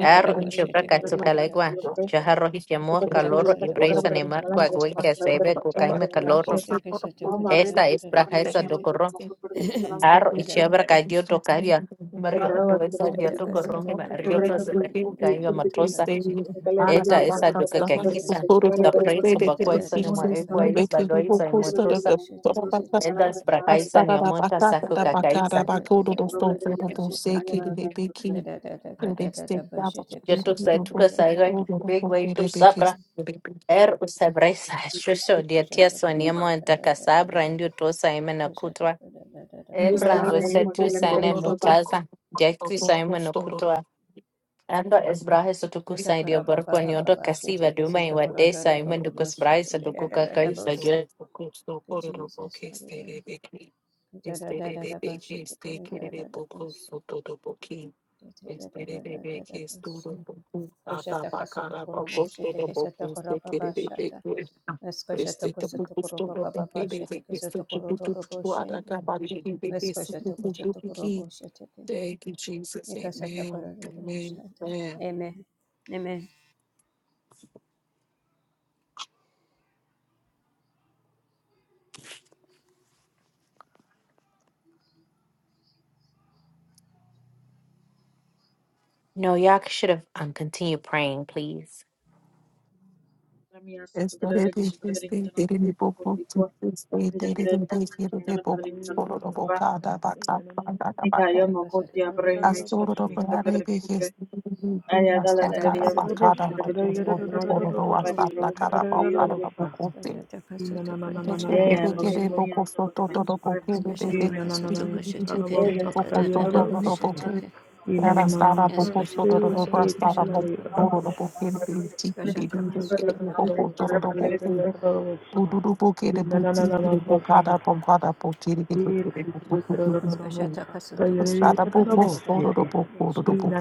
Arro y chopra katsukalegua. Tekadadabosha. Chajarro y chamor Shata calorro y kasata presa ni kasata marco agüey que korodadabosha. sebe cucaime calorro. Shata kasata Esta es praja esa korodadabosha. docorro. Arro y chopra Yatadabosha. cayó tocaria. Mario, tu esa dia Good tocorro mi mario to se ve cucaime matrosa. Esta es a doca que quisa. The prince of Bacoisa no ma equais bagoisa y motosa. Endas pracaisa ni Astara da amonta bakata saco da bakara cacaisa. bakodo do बरोबर stofero do sekere de ఉంటుంది. beki Este de Yo tu se tu que saiga. Big way to de de que sabra. Er usabraisa shusho diatia soniemo entakasabra indio tosa imena kutwa. ఇంట్లో Ebrando బికితేనే setu మొదల మీద sane Roopa mutaza. Jekri saimo no kutwa. Ando esbrahe sotuku saidio barpo nyondo kasiva duma iwa desa imen dukus braisa dukuka kai bagyo. Jesus, hallelujah. Amen. este Amen. que de de poco foto de poquín. Thank you, Jesus. Amen. Amen. Amen. No, y'all should have um, continued praying, please. రమి ఆస్తుత Amen. దగ్గర విషపడదరి ఇంతనం topic జనమేడ ఇంతనం పడదరి ఇంతనం రూపా In the name of Amen. నికాయో Jesus, get it, మోకోతి yeah, అబ్రహీమ ఇస్ల Astoro పడదరి boss. ఇంతనం పడదరి Parade is కుప్పే ఆయా Ah, గాలన da da దగ్గర Astakara da da పడదరి Bakara bossa, ఇంతనం for ta da da da విషపడదరి Soto da da ఇంతనం da da దగ్గర da కుప్పా ది bossa, రూం ta da Astakara da da పాపాయి da Bakara రూపా bossa. Bokuti. I na na na na na na ఏ na na ఆ na na పకైతోని ఆంద bossa. పడదరి Skasha విషపడదరి I కుళ్ళపే na na na na da da da bossa, da da da da bossa. I na na na na bossa, que te dá da da bossa. Da da da da da bossa, te dá da da da da bossa. I na na na na na bossa. Thank Hey, you. Estada poco soro do poco do do poco.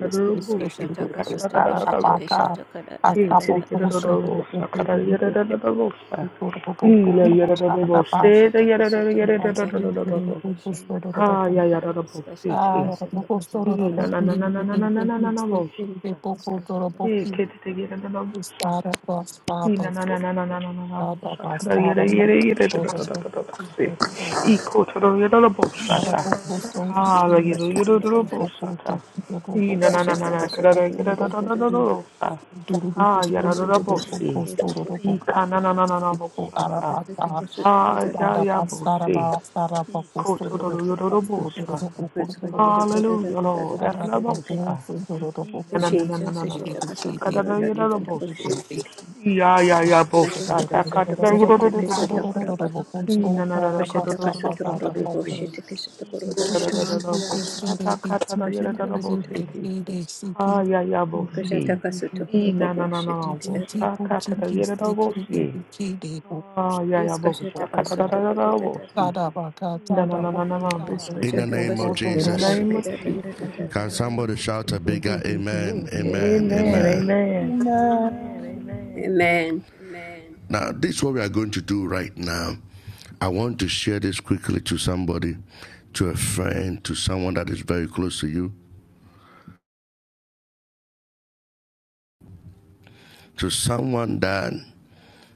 Este que te do estada la pata. Hasta poco soro do poco do do poco do poco estada la pata. Este que te poco soro do do Ha ya ya poco. da da bo se te. Ah, do poco soro do I na poco. na na na na na na na na na na Este bo. que te poco soro do poco. E ke te te ge da da da bo Estada pasta See, pasta. na na na na na na na na na. Estada Shata da yere yere yere da da da pasta da da da da. See, pasta. iko toro yere da bo Thank shata. Ha la yere yere da da bo shata. See, na na na na Jesus, na kada da yere Kashata da da da da da da sa. Ha yere da da bo see. Ika na na na na na bo shata. Ha ya ya bo see. Iko toro yere da bo sa. Hallelujah, Lord. Da da da bo sa. Na na na na na na na na da sa. Kada da yere da bo see. Ya ya ya bossa sa ta ka ta da yo do do do do do do. Ki na na na na ka do do do do bo se ti. you. Ki ta da da da da da bo sa ta ka ta da yo da da da bo se ti. Ha ya ya bo si. Ki na na na na na bo sa ka ta da yo da da bo si. Ha ya ya bo sa ka ta da da da Amen. da bo si. Ki na na na na na na bo sa ta. In the name of In the Jesus, name of Jesus. can somebody shout a bigger amen, amen, Amen, amen? amen. Thank Amen. Now, this is what we are going to do right now. I want to share this quickly to somebody, to a friend, to someone that is very close to you, to someone that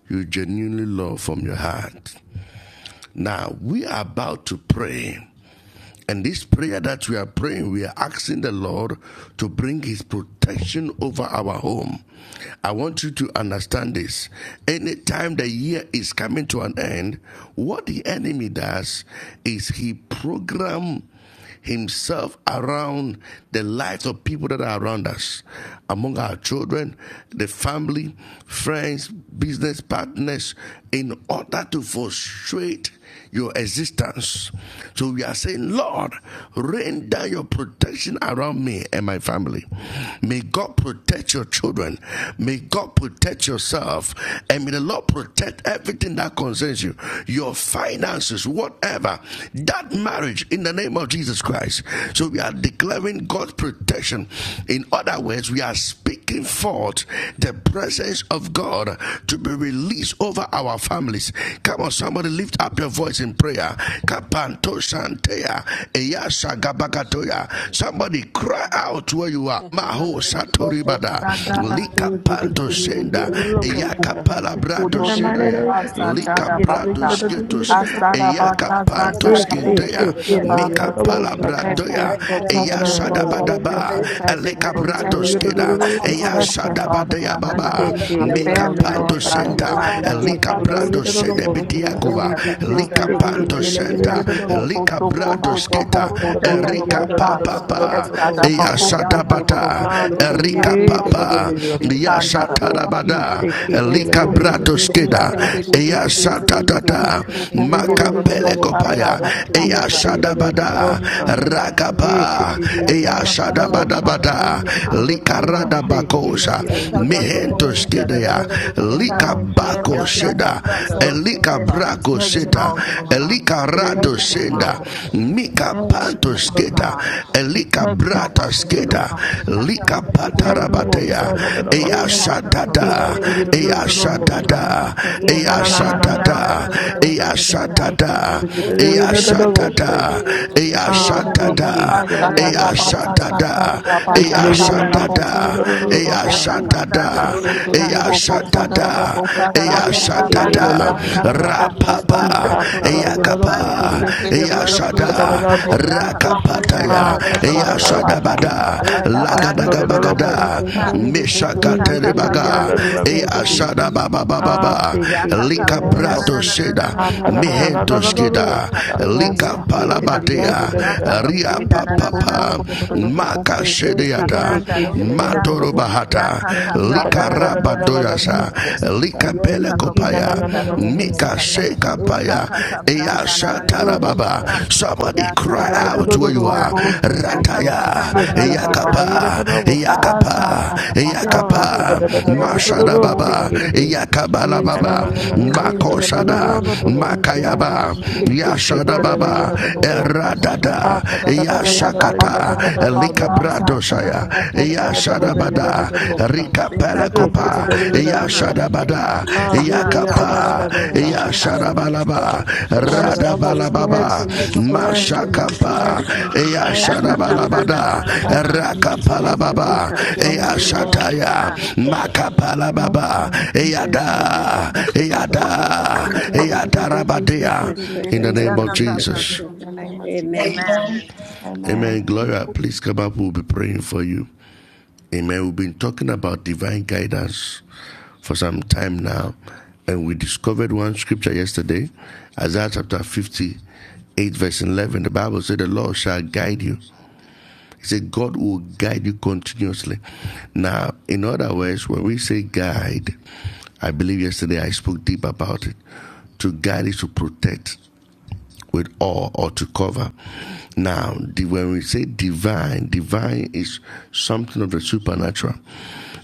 you genuinely love from your heart. Now, we are about to pray And this prayer that we are praying, we are asking the Lord to bring His protection over our home. I want you to understand this. Anytime the year is coming to an end, what the enemy does is he program himself around the lives of people that are around us, among our children, the family, friends, business partners, in order to frustrate your existence. So we are saying, Lord, rain down your protection around me and my family. May God protect your children. May God protect yourself. And may the Lord protect everything that concerns you, your finances, whatever, that marriage in the name of Jesus of Jesus Christ. So we are declaring God's protection. In other words, we are speaking forth the presence of God to be released over our families. Come on, somebody lift up your voice in prayer. The Somebody cry out where you are. name of Maho Jesus Christ of Nazareth. Protection, protection, Lord, Go protection, to the protect me, yo protection, da da Lord da Father bo sa God. ta. Protect my son In and the the Lord mighty God name of Jesus. Jesus. Ki ta da Protect yo my da da da destiny, yo da da da remain bo God, or sa in husband, Father God, I Yes, wheresoever ask he eh, that is. you Katie, la protect I me shall and yada my da take us bo to family. God sata. I Kapalabradoya, ask everything that I that na Eya na you belongs to keep na my us. do children I Shadabadaba, shall sata. safe take at us their to I journeys to on Kuraba the do way to Baba protection, yada do Elekabradoskeda, do Baba school. do do do Shitiki Eya protection, Sataka. sata. Father Shadabadea God, I I Veska around Baba, cover me and them in Katie, my Shataka your le la blood Meka la la family, and Sotoko I bo Panto Lord name of Shataka God, in sata. the Center, Jesus. mighty That's Sotokuraba my I name of Elika Baba. to friend that do Jesus. those Brado yada do do kids. Veska bo Shataka sata. It's Sedebediakuba, a Hallelujah, Sotoko friend A that Lika no se Shataka. no no Panto Katie, no la it's a yada Center, Veskasha cop. yada do Lika koshata koroboshata. A Bradosketa, ta It's da a da yada yada friend Erika do that no do no do no do no do those do Papa, Veskashata do do kids. do kasata Eya sata. Yeah, cop koshataka. cop Shadabata, friend that A ta those da kids. da yada Erika Veskashata yada do do do kosata Papa, do do bo koshete Eya sa. kesataka. I Shatarabada, se Katie, la Elika Veskashata yada yada do kosata It's a Bradoskeda, koshata sata. friend that kasata no Eya no no those kids. korababa I Shatatata, to do sheteke. yada It's yada a do do cop do it's a bo Veskashata friend that Makapelekopaya, sata. those kosata I Eya kids. ta da yada koroboshanda. Shadabada. yada do bo Bada Kondara babaya sata Rakapa Yeah, koroboshe. Ethitiki cop friend Eyashada that Bada no no no Veskashata Roshata. those Bada kosata kids. hallelujah, Ah koroboshata. Likarada sì, chi hallelujah. Bakosa ti Ishata la Shiki Tila It's a kasata friend Mehentos Amen, Yedabushata. that no korababa Kedea no amen, no those sheteke. kids. Lika Ah amen. Bako Shakata Iku Ya kaka Seda shata plana Yes, kosata Yedabushata. roste Elika keha. koroboshende Brako In the Protection Seda all name over kendara of Jesus. around me. Elika rabosi. Take it Rado Protection on my Senda home. Kushotoko Yedabushi. sotoko Mika da da Eat da Protection on da the Pantos my da da Keda ba God. ba ba Rodobushata. ba. Elika Protection on my Brata Thank local you, Skeda body. Eskashotoko sotoko Kaka Lika robo bo Jesus. plana na na roste Protection, na. sheteke. keha. Patarabatea E protection, Dadabasha. kaka Eskashotoko koko Eat Eyashadada it plende sotoko de de robo de ba ba ba sete. Yedabusha. Eyashadada shata. E kaka kaka Inanananananana. Eyashadada planda Eskashotoko na na na na sotoko da roste da da keha. da ba. Eat it Eyashadada E protection, kaka plende de protection. Yedabushi. sete. Eyashadada Eya E Eskashotoko Ah kaka sì, sotoko kaka da chi shatada. da ti da planda la da na Shiki na da Tila na ba Eya na na. sheteke. Yedabushata. shatada. E Eat kaka Eya plenda Eskashotoko roste shatada. it sotoko. keha. Eya Ya Yedabushata. kaka shatada. I planda to to roste to to Eskashotoko keha. Eya to sotoko bossa shatada. ta. sotoko E sotoko da kaka I Eya ba. koko K T plenda le na shatada. le na na le roste Eskashotoko bossa. keha. sotoko I I K Rapapa. plead A sotoko the blood sala over Eya ye my sotoko. le le kapa. finances. bossy. I plead the Eya blood over I my cha da da shada. home. da Ya bossa. Raskashatakasotokosheteke. kaka plenda na Rakapataya. Ah ta ta da Eya da roste da keha. shada bossy. Raskashatakasotoko. bada. Eka I to pranda to Lagadaga da to to na na to na de bagada. bossa Raskashatakasotoko da seka. ta. da da da I Eka K Meshakatere T boshataka. le kaka ye le baga. le pranda do le Niko Eya seke. bossy. shada baba baba baba. Ah say shatakasotokoshataka. Ya K T kaka Lika le le No, le no, prenda na boss. brado na na na Jesus. na seda. na Ah de ta No, ta da da seka. da Mihento da Raskashatakasotokoshataka. da hallelujah. da skida. bossa Eka ta. prende Yes, de Lika Father I T palaba. seke God. ha. ye ye Thank ye you, da da Ya Jesus. da Rabatea, da. kaka Eshatakasotokoshataka. Ria Thank prenda you, Lord, na for- na na for- na for- do Papa, for the- the- the- seke. the- the the Raskashatakasotoko Maka da thing. da da da Eka I da Shedeata, say Yes, da pranda K God. do T le ye boshanda. le Praise the seka. le Lord. bossa. Ya God. Thank Matorobahata, kaka you, I cha da Father pranda Lika Yeshataka da na da God. na da na da na da sotoko do da da sheteke seke. da da Yes, Rabadoyasa, bossa ta. Lika Ye tatakasotoko. hallelujah. kaka E ko na na na na prenda Thank na Pelekopaya, you, do na na na Ishataka na na seke Mika ha. na Satoko na na Shateke Eka see. Shekapaya, kaka Sataka E te pranda da na da Eyasha na da da na na Raska Jesus. de bo Tarababa. sa. seka. Shataka Somebody E Sotoko Ya te kaka da cry da Thank da Shateke pranda da out da do da da where you da are. seka. se ke Hallelujah Ya te. kaka Jesus Rataya, pranda E na na se Ishataka na ke na te na. da ye Sotoko da Yakapa, da da bo sa. Ishataka Yakapa, Sotoko Robo Te Shanda te Ah te te da fa Yakapa, da fa da da da da Prenda Ishataka da dos da Mashada da Sotoko se Tekin, Baba, ke te. Shateke Yakabala E na Raska na Baba, na na na Shataka na na ka da Sotoko da da da da Makoshada, Shateke da da da sa ta. Ishataka Makayaba, E Sotoko se ke Shateke Yashada te la da ye da Shataka da Baba, da da. Raska Ah Radada ta Shataka da da da da Sotoko da da da ye Shataka da Yashakata da da da Sotoko da da bo sa Shataka Likabrado ta. Shaya E Raska te da da da Shataka da da ye da da Sotoko Yashadabada da bo Shateke sa. Rika Sotoko Vitaka E te da Pelekopa Pranda da Shateke da na na ye na da na na da Nananana, da. Yashadabada Ah yeah yeah yeah ka da Raska da da da Yakapa Pranda dos da Shataka da. Tekiha, Amen. Amen. Amen. Amen. Amen. Amen. Amen. you. Yashadabalaba Tell Yes, Jesus, yes, Radabalababa Jesus, Yitiko yes, Prenda des Jesus, Tekin, yes, Mashakapa Jesus, yes, Jesus. Ataka Pranda na Yashadabalabada na na na na Thank you, Nananana, Jesus, thank Thank you, you, Jesus, Lord Rakapalababa Yitaka Jesus. yes, Prenda Lord. des te Yashataya ka Yes, Lord. Makapalababa Thank you, Jesus, Yada thank you, Jesus. Yada Yes, Lord, go to the big place, Lord, go Yadarabadea to the big in the place, ya name Lord, of ka go to ka the Pranda city Jesus. dos In the name Tekin. of Jesus. Amen. Amen. Amen. Gloria, please come up. We'll be praying for you. Amen. We've been talking about divine guidance for some time now. And we discovered one scripture yesterday, Isaiah chapter 58, verse 11. The Bible said, The Lord shall guide you. He said, God will guide you continuously. Now, in other words, when we say guide, I believe yesterday I spoke deep about it. To guide is to protect, with all or to cover. Now, the, when we say divine, divine is something of the supernatural.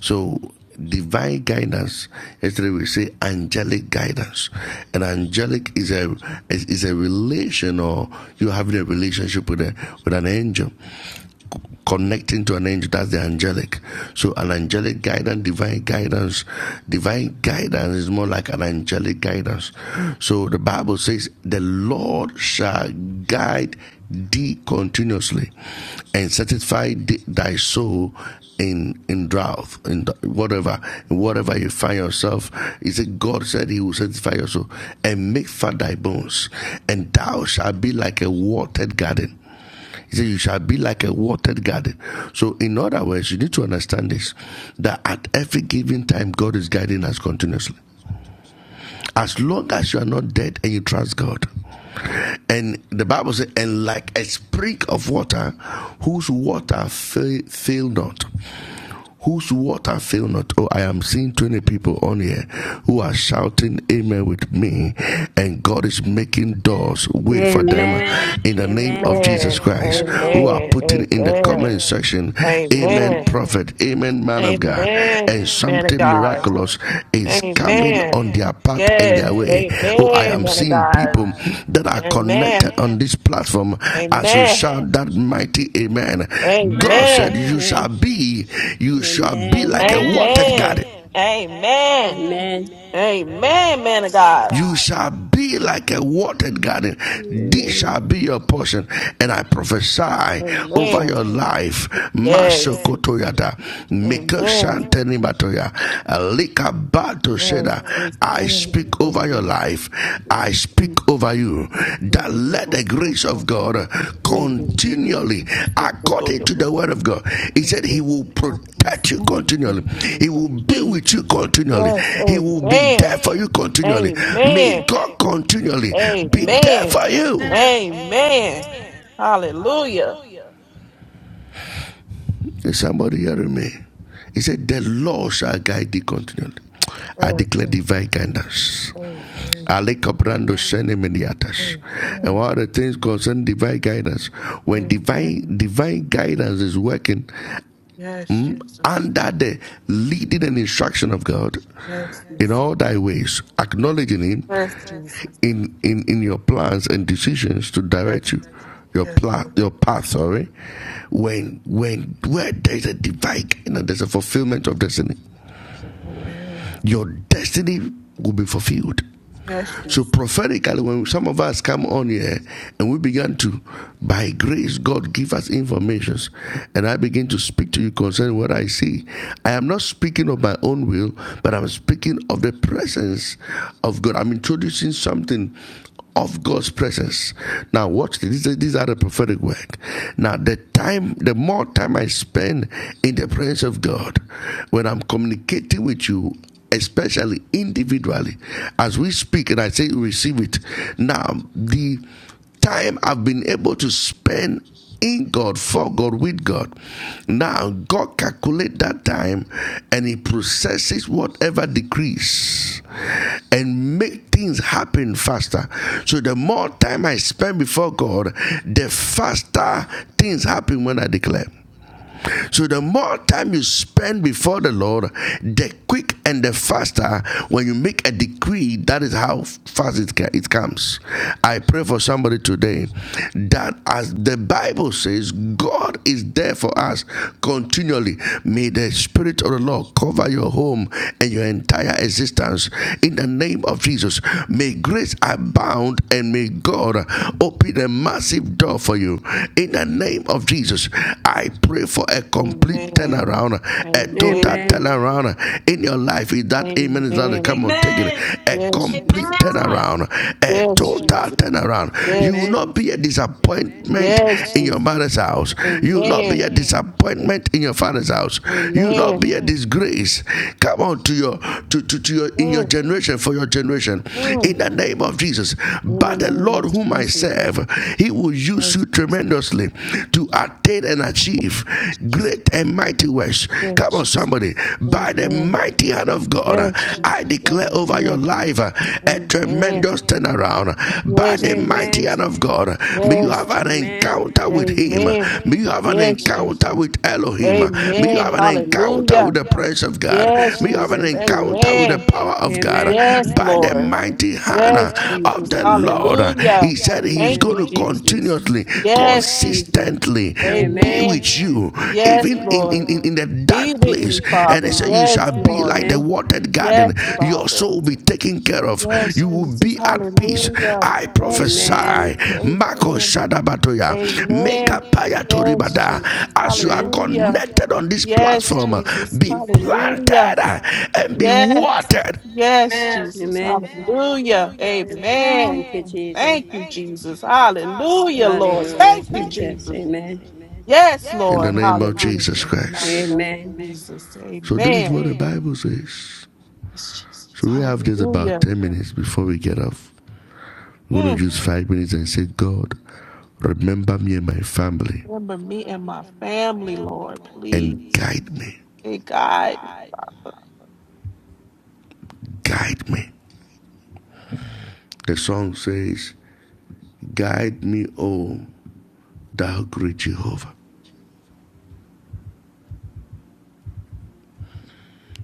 So, divine guidance. Yesterday we say angelic guidance, and angelic is a is, is a relation or you having a relationship with a with an angel connecting to an angel. That's the angelic. So an angelic guidance, divine guidance. Divine guidance is more like an angelic guidance. So the Bible says, the Lord shall guide thee continuously and satisfy thee, thy soul in in drought in whatever in whatever you find yourself he said god said he will satisfy your soul and make fat thy bones and thou shalt be like a watered garden he said, You shall be like a watered garden. So, in other words, you need to understand this that at every given time, God is guiding us continuously. As long as you are not dead and you trust God. And the Bible says, And like a spring of water, whose water fail, fail not whose water fail not. Oh, I am seeing 20 people on here who are shouting amen with me, and God is making doors way for them in the Amen. name of Jesus Amen. Christ, who are Amen. putting in the Amen. comment section, amen, Amen. prophet, amen, man of God Amen. and Man of something God. miraculous is coming Amen. on their path and Yes. their way. Oh, I Amen. am Man of seeing God. people that are Amen. connected on this platform as you Amen. shout that mighty amen. God said, Amen. You shall be, you shall be like a Amen. watered Amen. garden. Amen. Amen, man of God. You shall be like a watered garden. This shall Amen. be your portion. And I prophesy over Amen. your life. Yes. Masokotoyata. Amen. Mikoshantenimatoya. Likabato Yes. Sheda. I Amen. speak over your Okay. life. It will I be speak over true. over you It is a good that day. They let will the go grace for of all God the praise they gave it. It continually, will go to according the to the Lord. word of God, He Yes, said they He give will the Lord praise. protect you Thank you, thank continually, you, thank He will you. be He- with you continually, Yes. He will be there amen. for you continually. Amen. May God continually be there Amen. for you. Amen. Amen. Hallelujah. Is somebody hearing me? He said, The Lord shall guide thee continually. I Oh, declare divine guidance. oh, man. Ali Cabrando Senemediatas. Hey, And hey, one of the things concerning divine guidance, when hey, divine man. divine guidance is working Yes, mm, Jesus. under the leading and instruction of God Yes, in Jesus. all thy ways, acknowledging him Yes, Jesus. in in, in your plans and decisions to Yes, direct you. Your yes, plan, your Lord. path, sorry. When when where there's a divine guidance, there's a fulfillment of destiny. Amen. Your destiny will be fulfilled. Yes, So Jesus. prophetically, when some of us come on here and we began to, by grace, God give us informations, and I begin to speak to you concerning what I see. I am not Yes. speaking of my own will, but I'm speaking of the presence of God. I'm introducing something of God's presence. Now, watch this. These are- These are the prophetic work. Now, the time, the more time I spend in the presence of God, when I'm communicating with you, especially individually, as we speak, and I say receive it. Now, the time I've been able to spend in God, for God, with God. Now, God calculates that time and He processes whatever decrease and make things happen faster. So the more time I spend before God, the faster things happen when I declare. So the more time you spend before the Lord, the quick and the faster when you make a decree, that is how fast it, it comes. I pray for somebody today that as the Bible says, God is there for us continually. May the Spirit of the Lord cover your home and your entire existence in the name of Jesus. May grace abound and may God open a massive door for you in the the name of Jesus, I pray for a complete Amen. turnaround, a total Amen. Amen. turnaround in your life. Is that amen? Is that come Amen. on, take it? Amen. A Yes, Jesus. complete Amen. turnaround, a Yes, total Jesus. turnaround. You will Yes, Amen. not be a Jesus. disappointment Yes, in your Jesus. mother's house. You will not be Amen. a disappointment in your father's house. You will not Amen. be a disgrace. Come on to your to, to, to your in your Mm, generation for your generation. In mm. the name of Jesus. In the But the name Lord of whom I serve Jesus. serve, He will use you Yes, tremendously to attain and achieve great and mighty works. Yes, Come on, Jesus. somebody. By the Amen. mighty hand of God, Yes, Jesus. I declare over your Amen. life a Amen. tremendous turnaround. By Yes, the mighty Amen. Jesus. hand of God, may you Yes, have an Jesus. Amen. encounter with Him. Amen. May you have an Yes, encounter Jesus. with Elohim. May you Amen. have an encounter with Hallelujah. the presence of God. Thank you, Yes, May you have an Jesus. Jesus. encounter with the Amen. power of God. Amen. Yes, By the Lord. mighty hand Yes, uh, of Jesus. the Lord. Hallelujah. He said he's Thank Amen. you, going to Jesus. continuously, Yes, Jesus. consistently be Amen. Amen. with you, Yes, even in, in, Lord. in, in the Be dark with place. me, And he Father. said, You Yes, shall be like Lord. the Amen. watered garden. Yes, Your soul Father. will be taken care of. Yes, You will Jesus. be at peace. Hallelujah. I Yes, prophesy. Jesus. Amen. Mako Amen. Shadabatoya. Amen. Mekapaya Yes, Toribada. Jesus. As you are Amen. Hallelujah. connected on this Yes, platform, Jesus. be Hallelujah. planted and be Yes. watered. Yes, Amen. Jesus. Amen. Hallelujah. Amen. Amen. Thank you, Jesus. Thank you, Jesus. Hallelujah, Lord. Hallelujah, Thank you, Jesus. Jesus. Amen. Yes, Lord. Lord Hallelujah. Jesus In the mighty Christ. name of Amen. Jesus. So this is what Amen. the Bible says. Yes, Jesus. So we have just about Hallelujah. 10 minutes before we get off. We're Mm. going to use five minutes and say, God, remember me and my family. Remember me and my family, Lord, please. Guide me. Hey, God. Guide me. The song says, Guide me, O thou great Jehovah.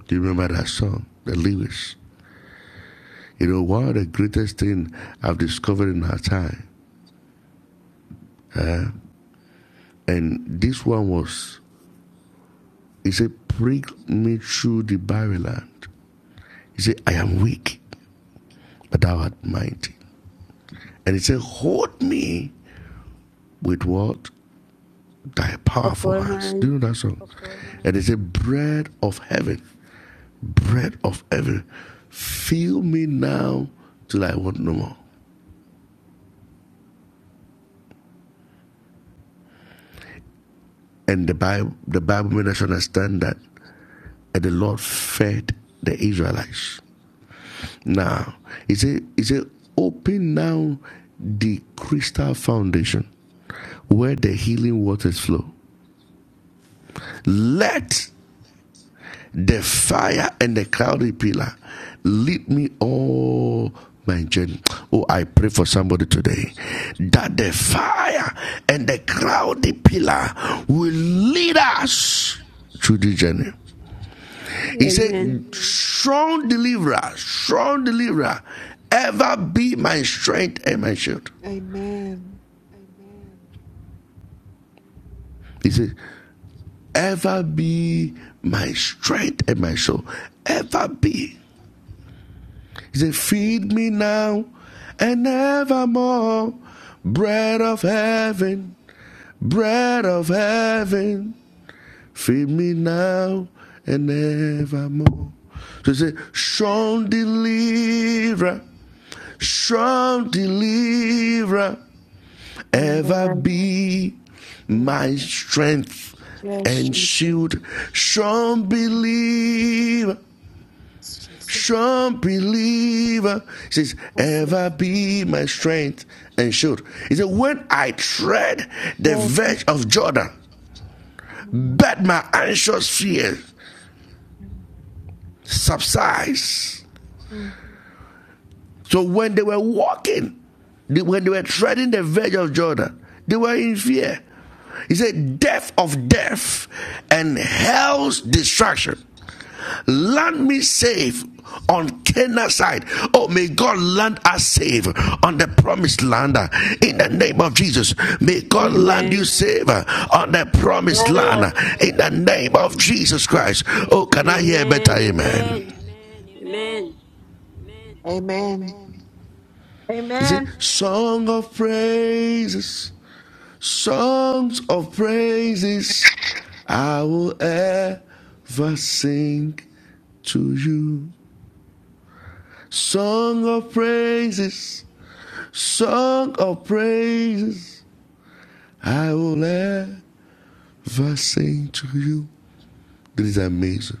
Do you remember that song? The lyrics. You know, one of the greatest things I've discovered in our time, eh, and this one was, he said, Prick me through the barren land. He said, I am weak, but thou art mighty. And he said, Hold me with what? Thy For powerful full hands. Do hand. you know that song? Okay. And he said, Bread of heaven, bread of heaven, fill me now till I want no more. And the Bible, the Bible made us understand that and the Lord fed the Israelites. Now, he said, he said, Open now the crystal foundation where the healing waters flow. Let the fire and the cloudy pillar. Lead me all my journey. Oh, I pray for somebody today that the fire and the cloudy pillar will lead us through the journey. He said, Amen. Strong deliverer, strong deliverer, ever be my strength and my shield. Amen. He said, Ever be my strength and my soul. Ever be He said, Feed me now and evermore, bread of heaven, bread of heaven, feed me now and evermore. So he said, Strong deliverer, strong deliverer, ever Amen. be my strength Yes, and Jesus. shield, strong believer strong believer. He says, Yes, ever be my strength and shield. He said, when I tread the Lord. Yes. verge of Jordan, but my anxious fear subsides. Mm. So when they were walking, when they were treading the verge of Jordan, they were in fear. He said, death of death and hell's destruction Land me safe on Cana side. Oh, may God land us safe on the promised land uh, in the name of Jesus. May God land you Amen. safe uh, on the promised land uh, in the name of Jesus Christ. Oh, can I hear a better Amen. amen? Amen. Amen. Amen. He said, Amen. Song of praises, songs of praises, I will ever sing to you. Song of praises Song of praises I will ever sing to you. That is amazing.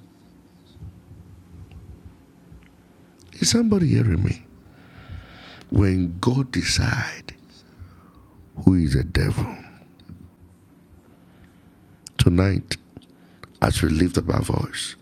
Is somebody hearing me? When God decide who is the devil tonight, as we lift up our voice.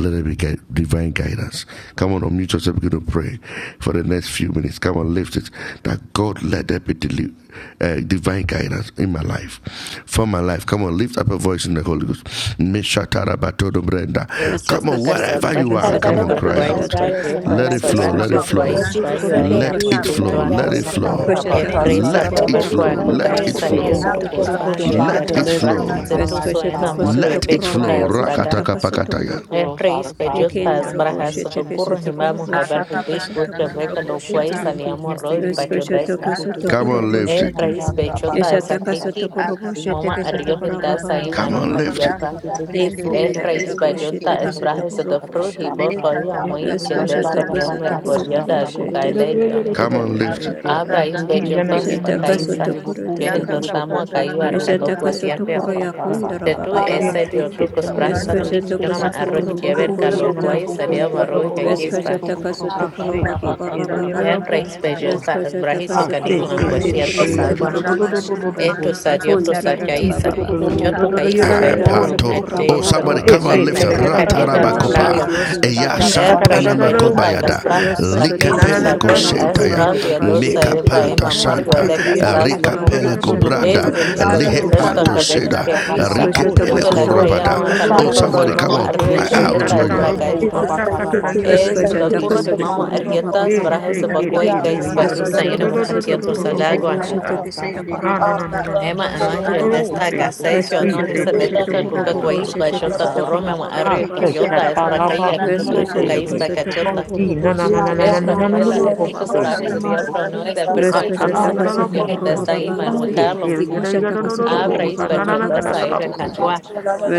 Let it be divine guidance. Come on, unmute yourself, begin to pray for the next few minutes. Come on, lift it. That God let there be deli- uh, divine guidance in my life, for my life. Come on, lift up a voice in the Holy Ghost. Mishatarabato brenda. Shata Come on, Setuka kasuto wherever you sabrahe kura are, da Father God, da sarai come Fa let on, da there be ba cry Pranda divine barkwais dos out. shata. guidance bagyo in Tekin, my Let life, it oh flow, sabat Nasko Yitaka let God. it shata flow. Lord barkwais Pranda kusuto na na Jesus, bayo ka kura let ba there ba Let be ka it divine flow, shite. ayama let ye it guidance in my Nananana, flow. life, Yitaka oh Koshataka Prenda God. Efresa Let Let Sotokoro it there be des Baba davarqua flow, divine Baba Teka, let it guidance cocaíza in my Basheteke flow. ion life, Aka oh Sotokoro kaka God. Let it flow. topospandio Divine Let kapranda Let Bosheteke there it na na dacaspra, na deliverance na, in flow. na my life, zetuso Veskashataka Father, in enamorro Jesus' Let it Sotokoro mighty be flow. Baya epecudas name. divine bagan. Rakataka Kushataka guidance in my Let Rakatakapakataya. it Sotokoro flow, Efreis Father God, in the pejutas mighty Ekendoro name brajas of Bosheteke docurro Jesus. Sotokoro himamo haber Aka Boshataka hibish kapranda na busca na Sotokoro na na breca de lo Thank chika. quais Boshata aniamo roi Veskashataka bajodesca. Aka Come Sotokoro on, kaprende de lift de it. de Boshata de Efreis de chika. pejutas Eshataka akiki Sotokoro Aka moma Bosheteke kapranda na arrio Sotokoro na na na, hildas Baba na Baba aima Come on, Baba lift it. Baba empatiata. Aka kaprende de de de Ekundara de de Efreis bajunta Bosheteke chika. esbrajes Sotokoro do fru hibo Boshanda Beka kaka forio moi kapranda na chedesca na Veskashataka na niom na, na Sotokoro mergorioda Bosheteke cucailegio. Come on, lift Aka it. Abra kapranda de chika. isbejopos Shatakaso pakaisa tokoro jehel Aka totobo. doshamo kapranda na na akaiwaro na na, na kalokwa Shatakaso tiapea. tokoro yakondoro Tetu baba Beka Yes, baba. ese diotu kaka kusprasa. Veska kapranda de chika. shatakaso Jonama arrohi tokoro baba jeber kalokwa boshata. isa deo maroi Veska kakispa. shatakaso Ah, tokoro baba Aka baba kapranda na baba. na na na, na Hefra you. isbejelpa Veska asbrahiso Ah, shatakaso kanima tokoro Thank boshete Beka ankwatiato kese kaka sagwa. takara baba kapranda na shana. na na Etu na na, sadiotu Kondara baba sakaisa. baba. aka Jotu aka aka kaisa Ah, bayo aka Shatakaso anamo aka tokoro Oh, baba eteiso somebody baba doku come and shete kaima lift it. kese Ikaka enoka tokoro dieda pranda na na Ratarabakopa. na Ita boshanda. na makalo. na na Rosko Eya shatokoro Efra boshata. na isbejota shantanamakobayada. kaspra. Rosko na na Sake, shatakaso Likepele ko sake, tokoro na baba shentaya. baba aspran baba diodosa Mika sheteke. Ibrahim panta Oh, amario Santa. see, Kate, Titiriasa adek Rika Taylor, yada pele da ko da takorababasha da bo, Es brada. sata kadada special. Lihe yada That's da takundorororobosha. the panto life. bo, que see. sheda. Quebec, Lord, Lispa. I Eskosha thank Rike Eco Yo to you pele que to takoso for ko la to to everything que to that ya to rabada. no to you've to done acá in takorobobosha my lo Oh, life. to corro takaso de somebody sa. come mamá on, arriba y cry E Even takorobobosha. if ta out I'm peyota ta where es da you doing para da are. it, acá bo, es por you sata kadada yada da yada Eskosha da da da curro bo, ni takaso see. mamá give you. me divine guidance arrietas E para in see, my ese takorobababababa. Kate, Thank life. bacuay que Taylor, es para yada que da da usa Eskosha y da no me da da takoso da da catia You da give da dos me da bo, divine agua. takorobobosha guidance sata. in tekesa Ha na na na na na, Emma, my kada takorobabababasha Emma, da da yo da el teke. da, see. destaca seis yo E no Eskosha see, hice te de takoso te cuca te, yada cuca da da da cuáis takorobobosha bo, para yo sa. tekesa te corro me mamá arriba Ha y see, takorobabababasha peyota ta. es para acá y katalaba, en see, e muca Eskosha cuca es te. para takoso cachota. E life. na na takorobobosha na na na na na tekesa Efra, na na na Noela, na es bo, que los see, Welcome to my trajes takorobabababasha de te. ta. family, diablo no and it's the perco y Eskosha schedule of Luisa. my takaso Yo el life. Katanagarabosse. destaca y takorobababa. Father, manuel let He me Carlos. see Abra is tiligarabose. para yo dos ahí you. Ikushatakosotokorobabababashiteke. Nananagarabosse.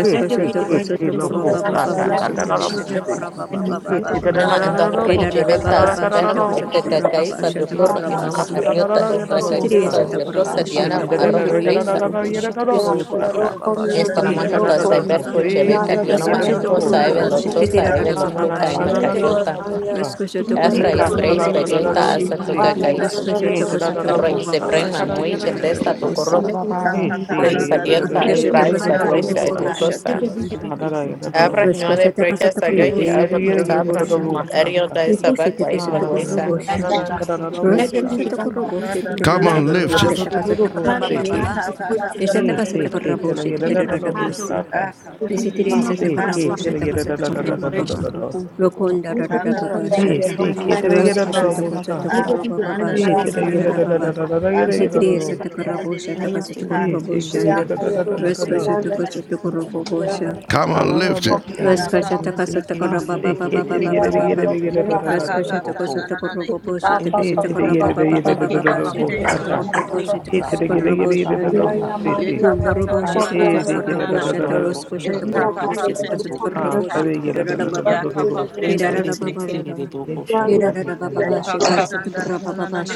He Let there si be divine kitty guidance in her life, lobosa in the lives of my children, katanabose. and in the He world of na shatakorobababababa. the إنما you. عند الرهي na tidadadadabosa. جبلتا na سوبرمو world. إكاكا Katanagarabosse. Thank كايسا دكور Asha إمامو Edadadabababashitakasotokorobabashatakorobasi. أريوتا إكاكا كايسا katanagarabosa. ديوتوسا Isitiriyesatakorobosha, He ديانا مع الرهي بريسا nakondoroyindoroboshiteke, Yekeke tidadadadagarabosa. kapranda Esto na sotokorobababashiteke, nada He na más na en na dos edadadabababa. cyberco rosete. tadadadabose. chebeca dionoma en Aka to In the saive kapranda Titigarabosa. lo lives of to my Raskosotokorobobashiteke, roseka. saive parents, lo Ah, na Father na cuca na God, y na na May na edadadabababashiteke. na them, na macayolta na Father God, bosa. they don't He need to efraíz Eka see breis kaprende face de de peyolta de de openly, asa Raskosotokosotokorobabababashiteke. Lord. castellagarabosse. cuca roseka. caísa Eh, da da da da arro y se bossa, prenman takara muy Raskosotokosotokorobababashiteke, ya da da da da cheldesta do bossa. edadadadabosi. corro Let there be Eh, Aka si le breis ya kapranda da na da na Hallelujah. da adielta na da Let na there es ya be da Neshete breis ya da divine da roseka. kasuto peyolta guidance, kurubo O bossa. God. etiotosa Let boshata. there be Ah, divine da da ya da da da abra ñoa Resko bossa. de shata breca kasata Eh, de kurubo sagaji ya algo da shata ya to da ya da kurubo sabra da guidance. ma shanda. bossa ta. eriota esa Nikushete vacuais Ah, kasuto na na balance na na in kurubo na my na life, na oh shanda. na God. da da Let there Resko bossa. be Yekeke shata you. divine kurubo balance shete in kapranda Eh, na te na da Come kasata my na ya Thank life, on, da na da Lord da kurubo lift da Jesus. da it. shata roseka. da da da kasata Father, kurubo I si te. guide baba. Yeka the ka words and Yeshata kapranda Eh, na children na si kasata na na ke raising te kurubo a la ya shete da da change roseka. da da like kurubo heart, oh si. bossa God. ta. Aka If I prende de Isitiri come Ah, off the si seka. horse, satakarabo ke Father, te la that ya I shataka da da da change da my da da satakarabo da da baba. direction. Rokonda Let there be rarara Aka baba divine kaprende Eh, de guidance shata. de in de si my de ke te life, la Lord ya da Rosko da roseka. da Jesus. shotoko bossa. Let there Aka be sotokorabo baba divine pranda na Eh, na te guidance da na in na ya my da life, na. shetikirara da oh da da baba. da Father. da da ya Aka Let da there da Isitiri be da kaprende divine de bossa. de satakarabo guidance de de in my de life. shataka seka. Hey, satakarabo take it, Let da shanda. da there be da divine da da da da Rosko guidance in da. shotoko my life. sotokorabo Ah, bosha. Come on, shakarara lift it. bossy. Rosko Yaka shataka pranda na na Ah, na satakarabo na baba shake baba it, roseka. get it, baba get baba. it, get it, da da Leka da da Rosko kaka shotoko prana na na na sotokorabo Let there be divine guidance in my life. bosha. itaka. Hey, take it, Tekesatakarabo get baba it, da baba Eke da da kika baba da Let there be divine kapendo guidance in my life. Let there bossata. be loshi shetikesatakarabo kwi. Hey, take it, get shetikesatakarabo it, da da shanda. da you. bossity. Leka Kundurabo kapanda na na Asada na Hey, na take na it, boko da na Shetakasakarabo da na. da da dodo da boko Shatarasko kiri Eka bebe bossata. Shatakorobo kaka kesi bebe prende boko loshi Ah, Shetakasakarabo ka. kiri sorry, da da da da bebe da da Shetakirababa Ya da divine kaka guidance prenda in bossata. este bebe loshi este ki. bebe Irarababa my In boko life. soro Jesus' boko name. kara Irarababa la Eka bata kapranda Ah, na na na na Shetakasakarababa na.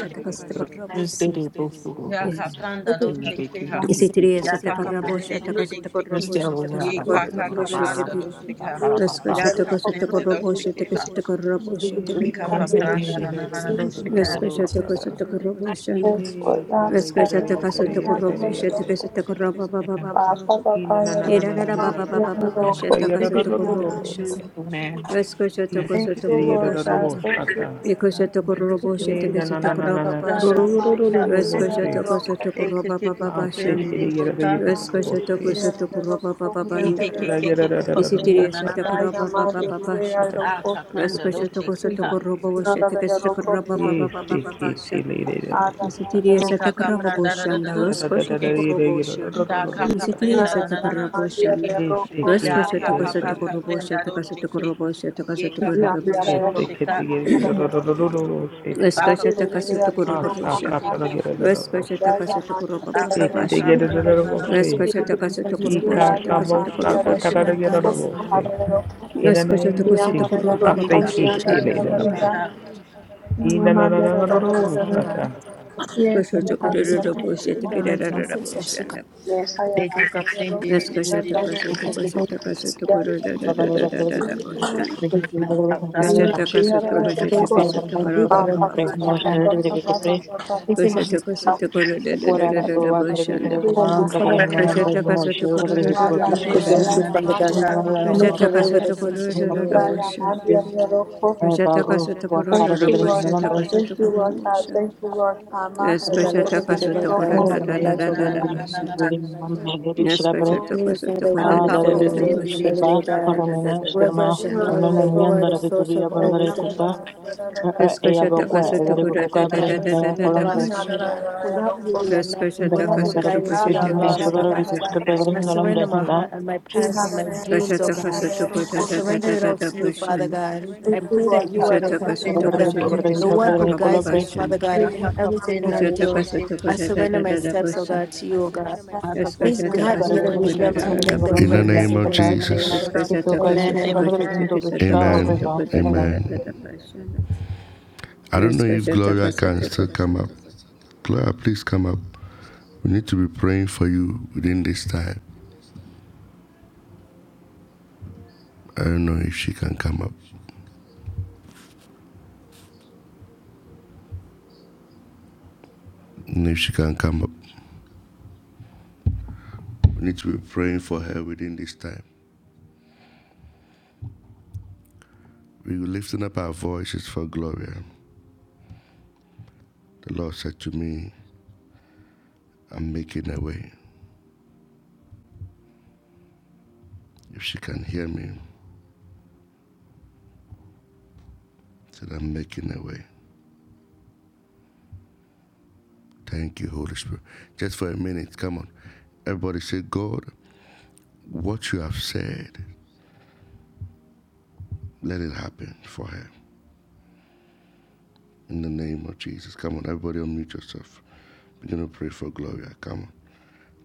este bebe boko soro Ya Yes. boko kapranda este loshi bebe ki ha. kiri bebe Isitriya Ya boko kaka Satakarabo boko prende de de de de ki. Shatakasakarabo este bebe Ye ara basta kaka da Shatakasakarabo it, da bara da kapranda Shetaki da da da loshi da ka. da da kara da Rasko da bata Ya da da da. kaprende Shatakasakarabo loshi ki ha. Shetakasakarabo Hey, take Eka it, get este it, kapranda Shetakirabasha na get bebe na it, da na na este da da da bebe loshi da da ka. Rasko boko soro bossata. boko Shatakasakarabo Shanda Hey, da da Rasko ya da da ya da da ya da da da Shatakasakarabo ya da da. Oh shit. amen Shetakasakarababa E na na na na na na Irarara na na baba na na baba na na na. baba amen Kada ya shataka da da da sotoko da da robo da. shanda. amen amen Rasko E sotoko Amen. si ke da sotoko ya da robo da da boss shanda. ata. Iko sotoko robo E shataka na na na sotoko na Aka na roba na. Kudo kapranda basha. do do loshi do do ka. do boss. Rasko sotoko sotoko Eke roba kika baba Ah, se kaprende bashanda. te da Amen. ya da loshi da ya da da Rasko boss. sotoko E te. sotoko roba baba E banda te da ya. da ya da Yekekekeke da da da da kapanda boss Isitiri na na na ata. sotoko na roba baba yekeke. baba Ah, da basha. da da Ah da da da. kapanda Rasko Kudo do do do do sotoko sheke do do. ha. sotoko Se roba te. shataka sotoko roba E baba se baba ke basha. te le da da da boss ata. Isitiri Eka sotoko roba kapanda da Ah, da da boshanda. da da da da da do Rasko da da sheke. sotoko da robo da da sha. da da Da da ka boss ata. kapanda Isitiyasa na na na na do sheke. takarabosana. In the Da Raskasha ka ka takasa ka name of takarabosha kapanda do takasa sheke. takarabosha takasa Yeka kapanda do takarabosana. sheka. Ba ka Raskasha takasa kapanda de de de de de takarabosha. sheke. Raskasha takasa Da ka takarabababasha. kapanda na na na na do Raskasha sheka. takasa takarabosha takasa takarabosha. Raskasha takasa Jesus, I say Yeka takarabababasha kitty kapanda do later the boss. takarabosha. sheka. In the We name of thank the you, Lord, Father God. Satan. Raskasha We thank you, Father. takarabosha We direct our steps of takarabosha. sugar. Eka kapanda de Thank you, de de Raskasha de de takasa sheke. Mr. takasa God. takasa takarabosha. Thank you, Da kapanda Mr. do Kushata God. kasuto sheka. kushita Things like kisuto uh, we kara baba direct baba Father God. shanda. We think that Kushata Mr. God, kasuto kuru da da da da that da da the bushanda. food will be served Kushata kasuto kuru Da da da ka da da like the kapanda na blessed bushanda. na de Father God. sheka. Make a Kushata way where there kasuto seems to kuru be da no da da way. bushanda. Kushata kasuto kuru da da bushata kasuto kuru busha. Yes, Father God, let kushata there be kasuto divine Thank kuru guidance da in my da da Alkakoplin, life, na da oh na da na da God. na you. na na na na. bushata. Yes, kushata Me and kasuto Father, I kuru da come da before da you da da today Alkakoplin, in bushata humility, oh didishika. kida da God. da da da da Reverence and bushanda. knowing that you are the source of all wisdom, oh God. Yes, I kushata confess kasuto that kuru without da da your Na da na na da guidance, na da I na da am na da na. lost, Father bushanda. God. Without you, we are nothing. Kaskashata Without your kasata guidance, we are kashata lost, oh kasata God. kashata I kasata kuda. surrender my heart and my plans and my dreams, oh Kashata God. kasata I kuda da da surrender da it da all da to you, Father bashanda. God. I pray that you are Kashata the, Alkakoplin, kasata na the, na na kashata the kasata one nishika. who karaba guides me, Father bashanda. God, in everything Alkakoplin, that da I Kashata do. rushiki. kasata I kuda da surrender da my da da steps, oh basha. God, to you, oh God. Please Alkakoplin, Eskashata da grant na me na the kasata kuda wisdom da to rushika. da da make the In the right bashanda. name of decisions in Jesus. my Alkakoplin, da life. Eskashata rushiki. kasata Amen. kashata Amen. kasata kasata Amen. kuda da da da Amen. da bashanda. I don't know if Eskashata Gloria can kasata still kuda. come up. Gloria, please come up. We need to be praying for you within this time. I don't know if she can come up. And If she can come up, we need to be praying for her within this time. We were lifting up our voices for Gloria. The Lord said to me, I'm making a way. If she can hear me, he said I'm making a way. Thank you, Holy Spirit. Just for a minute, come on. Everybody say, God, what you have said Let it happen for her. In the name of Jesus. Come on, everybody unmute yourself. Begin to pray for Gloria. Come on.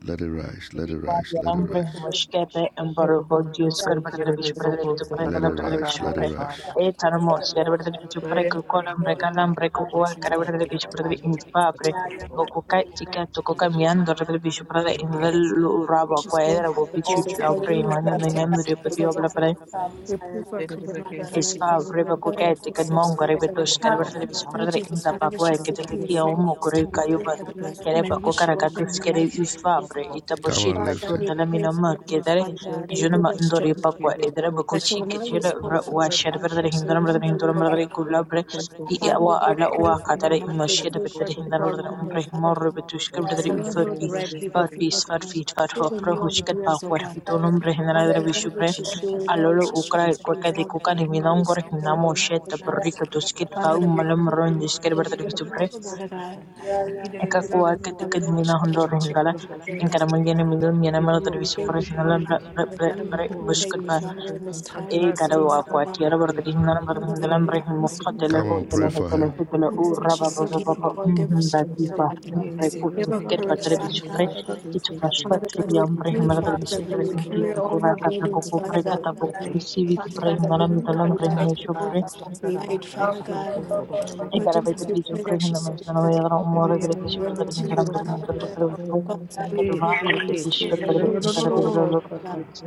Let it rise. Let Baby it rise. Claudia Let it Lambre, rise. Mushkepe, and Everybody Borovodio, feels so good, Scorbata everybody Bishopre, to goes to Precalabra Bishopre, the Etarmos, Yarabra Gloria a Bishopreco, Dios, Colambre, Señor, vamos Calambre, a Cocoa, consciência Carabra de la Bishopre palabra de in Dios, que es Fabre, un poco Bocuca, Tica, de Tococa, la Miando, Bishopre palabra in Vel Rabo, Jesus, Quaera, Bopichu, Jesus, for Opre, you. de Dios, que Manon, es and un poco de la palabra de Embryo, Dios. Reprove her Pero de covered verdad over que her sé que life, es Esfa un Holy reba Lord God, poco de kuke la of her tiken palabra steps, de mongo Dios, Father que es rebe un God. tush poco kereba tere bisu Lord perdere Jesus, inta whatever pakwe she's kete seeking keki and for at omo kure this time, kayuba Father God, kereba men wish kukara you were in katis her kere isfa life. pre ita Come poshir on, Father God, lift patun it. we dala pray minoma for her, dear kedere Father God, that you jona give ma her ndori strength, pakwa edere that she bakuchi will not ketira lose ra hope, wa Father sher God, perdere that she will hindora know perdere that you hindora are perdere God. kula pre i i- Father wa God, we ala wa pray for her katare health, we imashir pray for perdere hindora people perdere around her, umpre Father mor God. rebe tush kereba tere Surround isfa her with the pi right people, par Father pis far God. pi isfar fit far Do what hofro you want to hushkat do, us, oh pakwa God. pitun umre hindora Father perdere God, know bisu what she's doing, know Allora what she's trying Ukraina to do, qualcosa Father kukan God, himina know you're un gore so himina mo away, shet Father God. tabarrika tuskit pau Father God, you malam I Alolo put say ukraid, wakati kukalimilongo linamoshe tabarika tuskitpa in ummalamron your diskir kitty mind, good later bartarvisupre, health, the boss, Father Satan. In the name of the God. Thank It's ekakua good that Lord, Satan, ketiket whatever she is, Kadada minahondor she's trying hingala, the to do, boss, Father God. Satan. enkaramalian milon You mianamar do it We thank for tarvisupre, you for nala you, Jesus. Father God, Do and it we for pray that Lord. you buskutpa, Father in this time and Katara this Ekada season, Galarobo wakwati Father. City. arabarakarishin Father arabarakarishin God, Yes, we talamarakarishin Lord. listen to muqatala your prayers, hotala oh hatala God. Glory. hatala Right now, in u Father, what raba she's the name baba of seeking baba you. for, Jesus. give her Very strength, happy oh batipa for God. Yes, nupre to this. the Give puti her kerpa Galarobo courage, tere Father bishupre God. kichu City. fashpa Father God, tiri we ambre pray, Yes, himaratari Father God, to the that bishupre you inki carry Galarobo tu City. all kura her kata burdens, koko Father pre kata God. koko kisi Yes, vitu Father to pre God, the I hinara do not mitalam Galarobo pre light City. himeshupre Lord, I'll light, say, Father Kate, to God. the Galarobo ऐका Lord रवैया Jesus, there we City. विचु pray that she प्रेहिन्दा में इस तरह surrenders नौ मरे and वैचु surrender प्रेहिन्दा इस to तरह you, O प्रेहिन्दा God. इस तरह प्रेहिन्दा इस Father God, we Yes, pray तरह that say, प्रेहिन्दा in this Kate, इस time to तरह the that you will show up, Galarobo प्रेहिन्दा इस तरह प्रेहिन्दा Father City. God. इस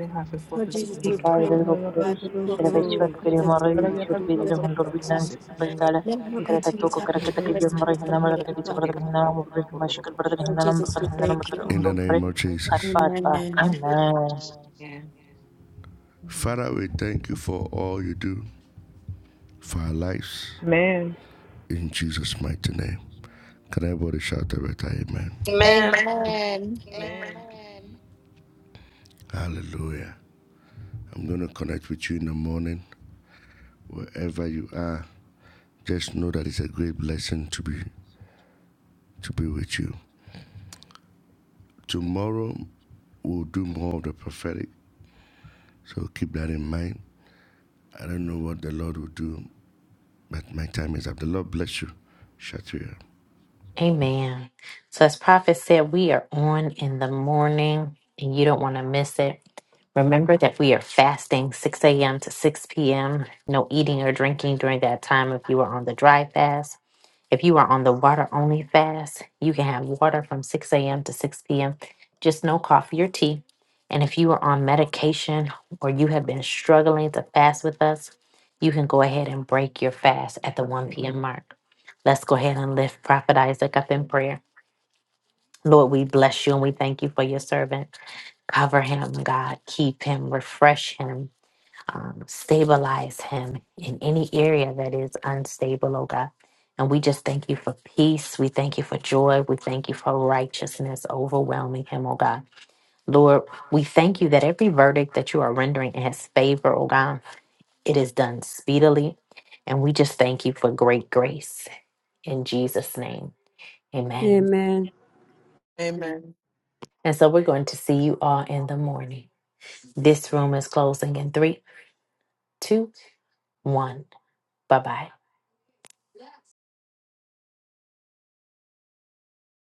Lord Jesus, we morning. pray, God, that you will तरह प्रेहिन्दा fill इस your तरह presence in her प्रेहिन्दा goodness, This इस तरह प्रेहिन्दा God. is इस तरह प्रेहिन्दा इस it. तरह Let her प्रेहिन्दा इस continue to have तरह joy and प्रेहिन्दा peace in her life, Father God. इस Lord Jesus, we thank you. In the name of Jesus. तरह Amen. प्रेहिन्दा इ Everything is Father, we thank you for all you do for our lives. Man. In Jesus' mighty name. Can everybody shout a better amen? Amen. Amen. Hallelujah. I'm going to connect with you in the morning, wherever you are. Just know that it's a great blessing to be to be with you. Tomorrow we'll do more of the prophetic So keep that in mind. I don't know what the Lord will do, but my time is up. The Lord bless you. Shatria. Amen. So, as Prophet said, we are on in the morning and you don't want to miss it. Remember that we are fasting 6 a.m. to 6 p.m. No eating or drinking during that time if you are on the dry fast. If you are on the water only fast, you can have water from 6 a.m. to 6 p.m., just no coffee or tea. And if you are on medication or you have been struggling to fast with us, you can go ahead and break your fast at the 1 p.m. mark. Let's go ahead and lift Prophet Isaac up in prayer. Lord, we bless you and we thank you for your servant. Cover him, God. Keep him, refresh him um, stabilize him in any area that is unstable, oh God. And we just thank you for peace. We thank you for joy. We thank you for righteousness overwhelming him, oh God. Lord, we thank you that every verdict that you are rendering in his favor, oh God, it is done speedily. And we just thank you for great grace. In Jesus' name, amen. Amen. Amen. And so we're going to see you all in the morning. This room is closing in three, two, one. Bye bye.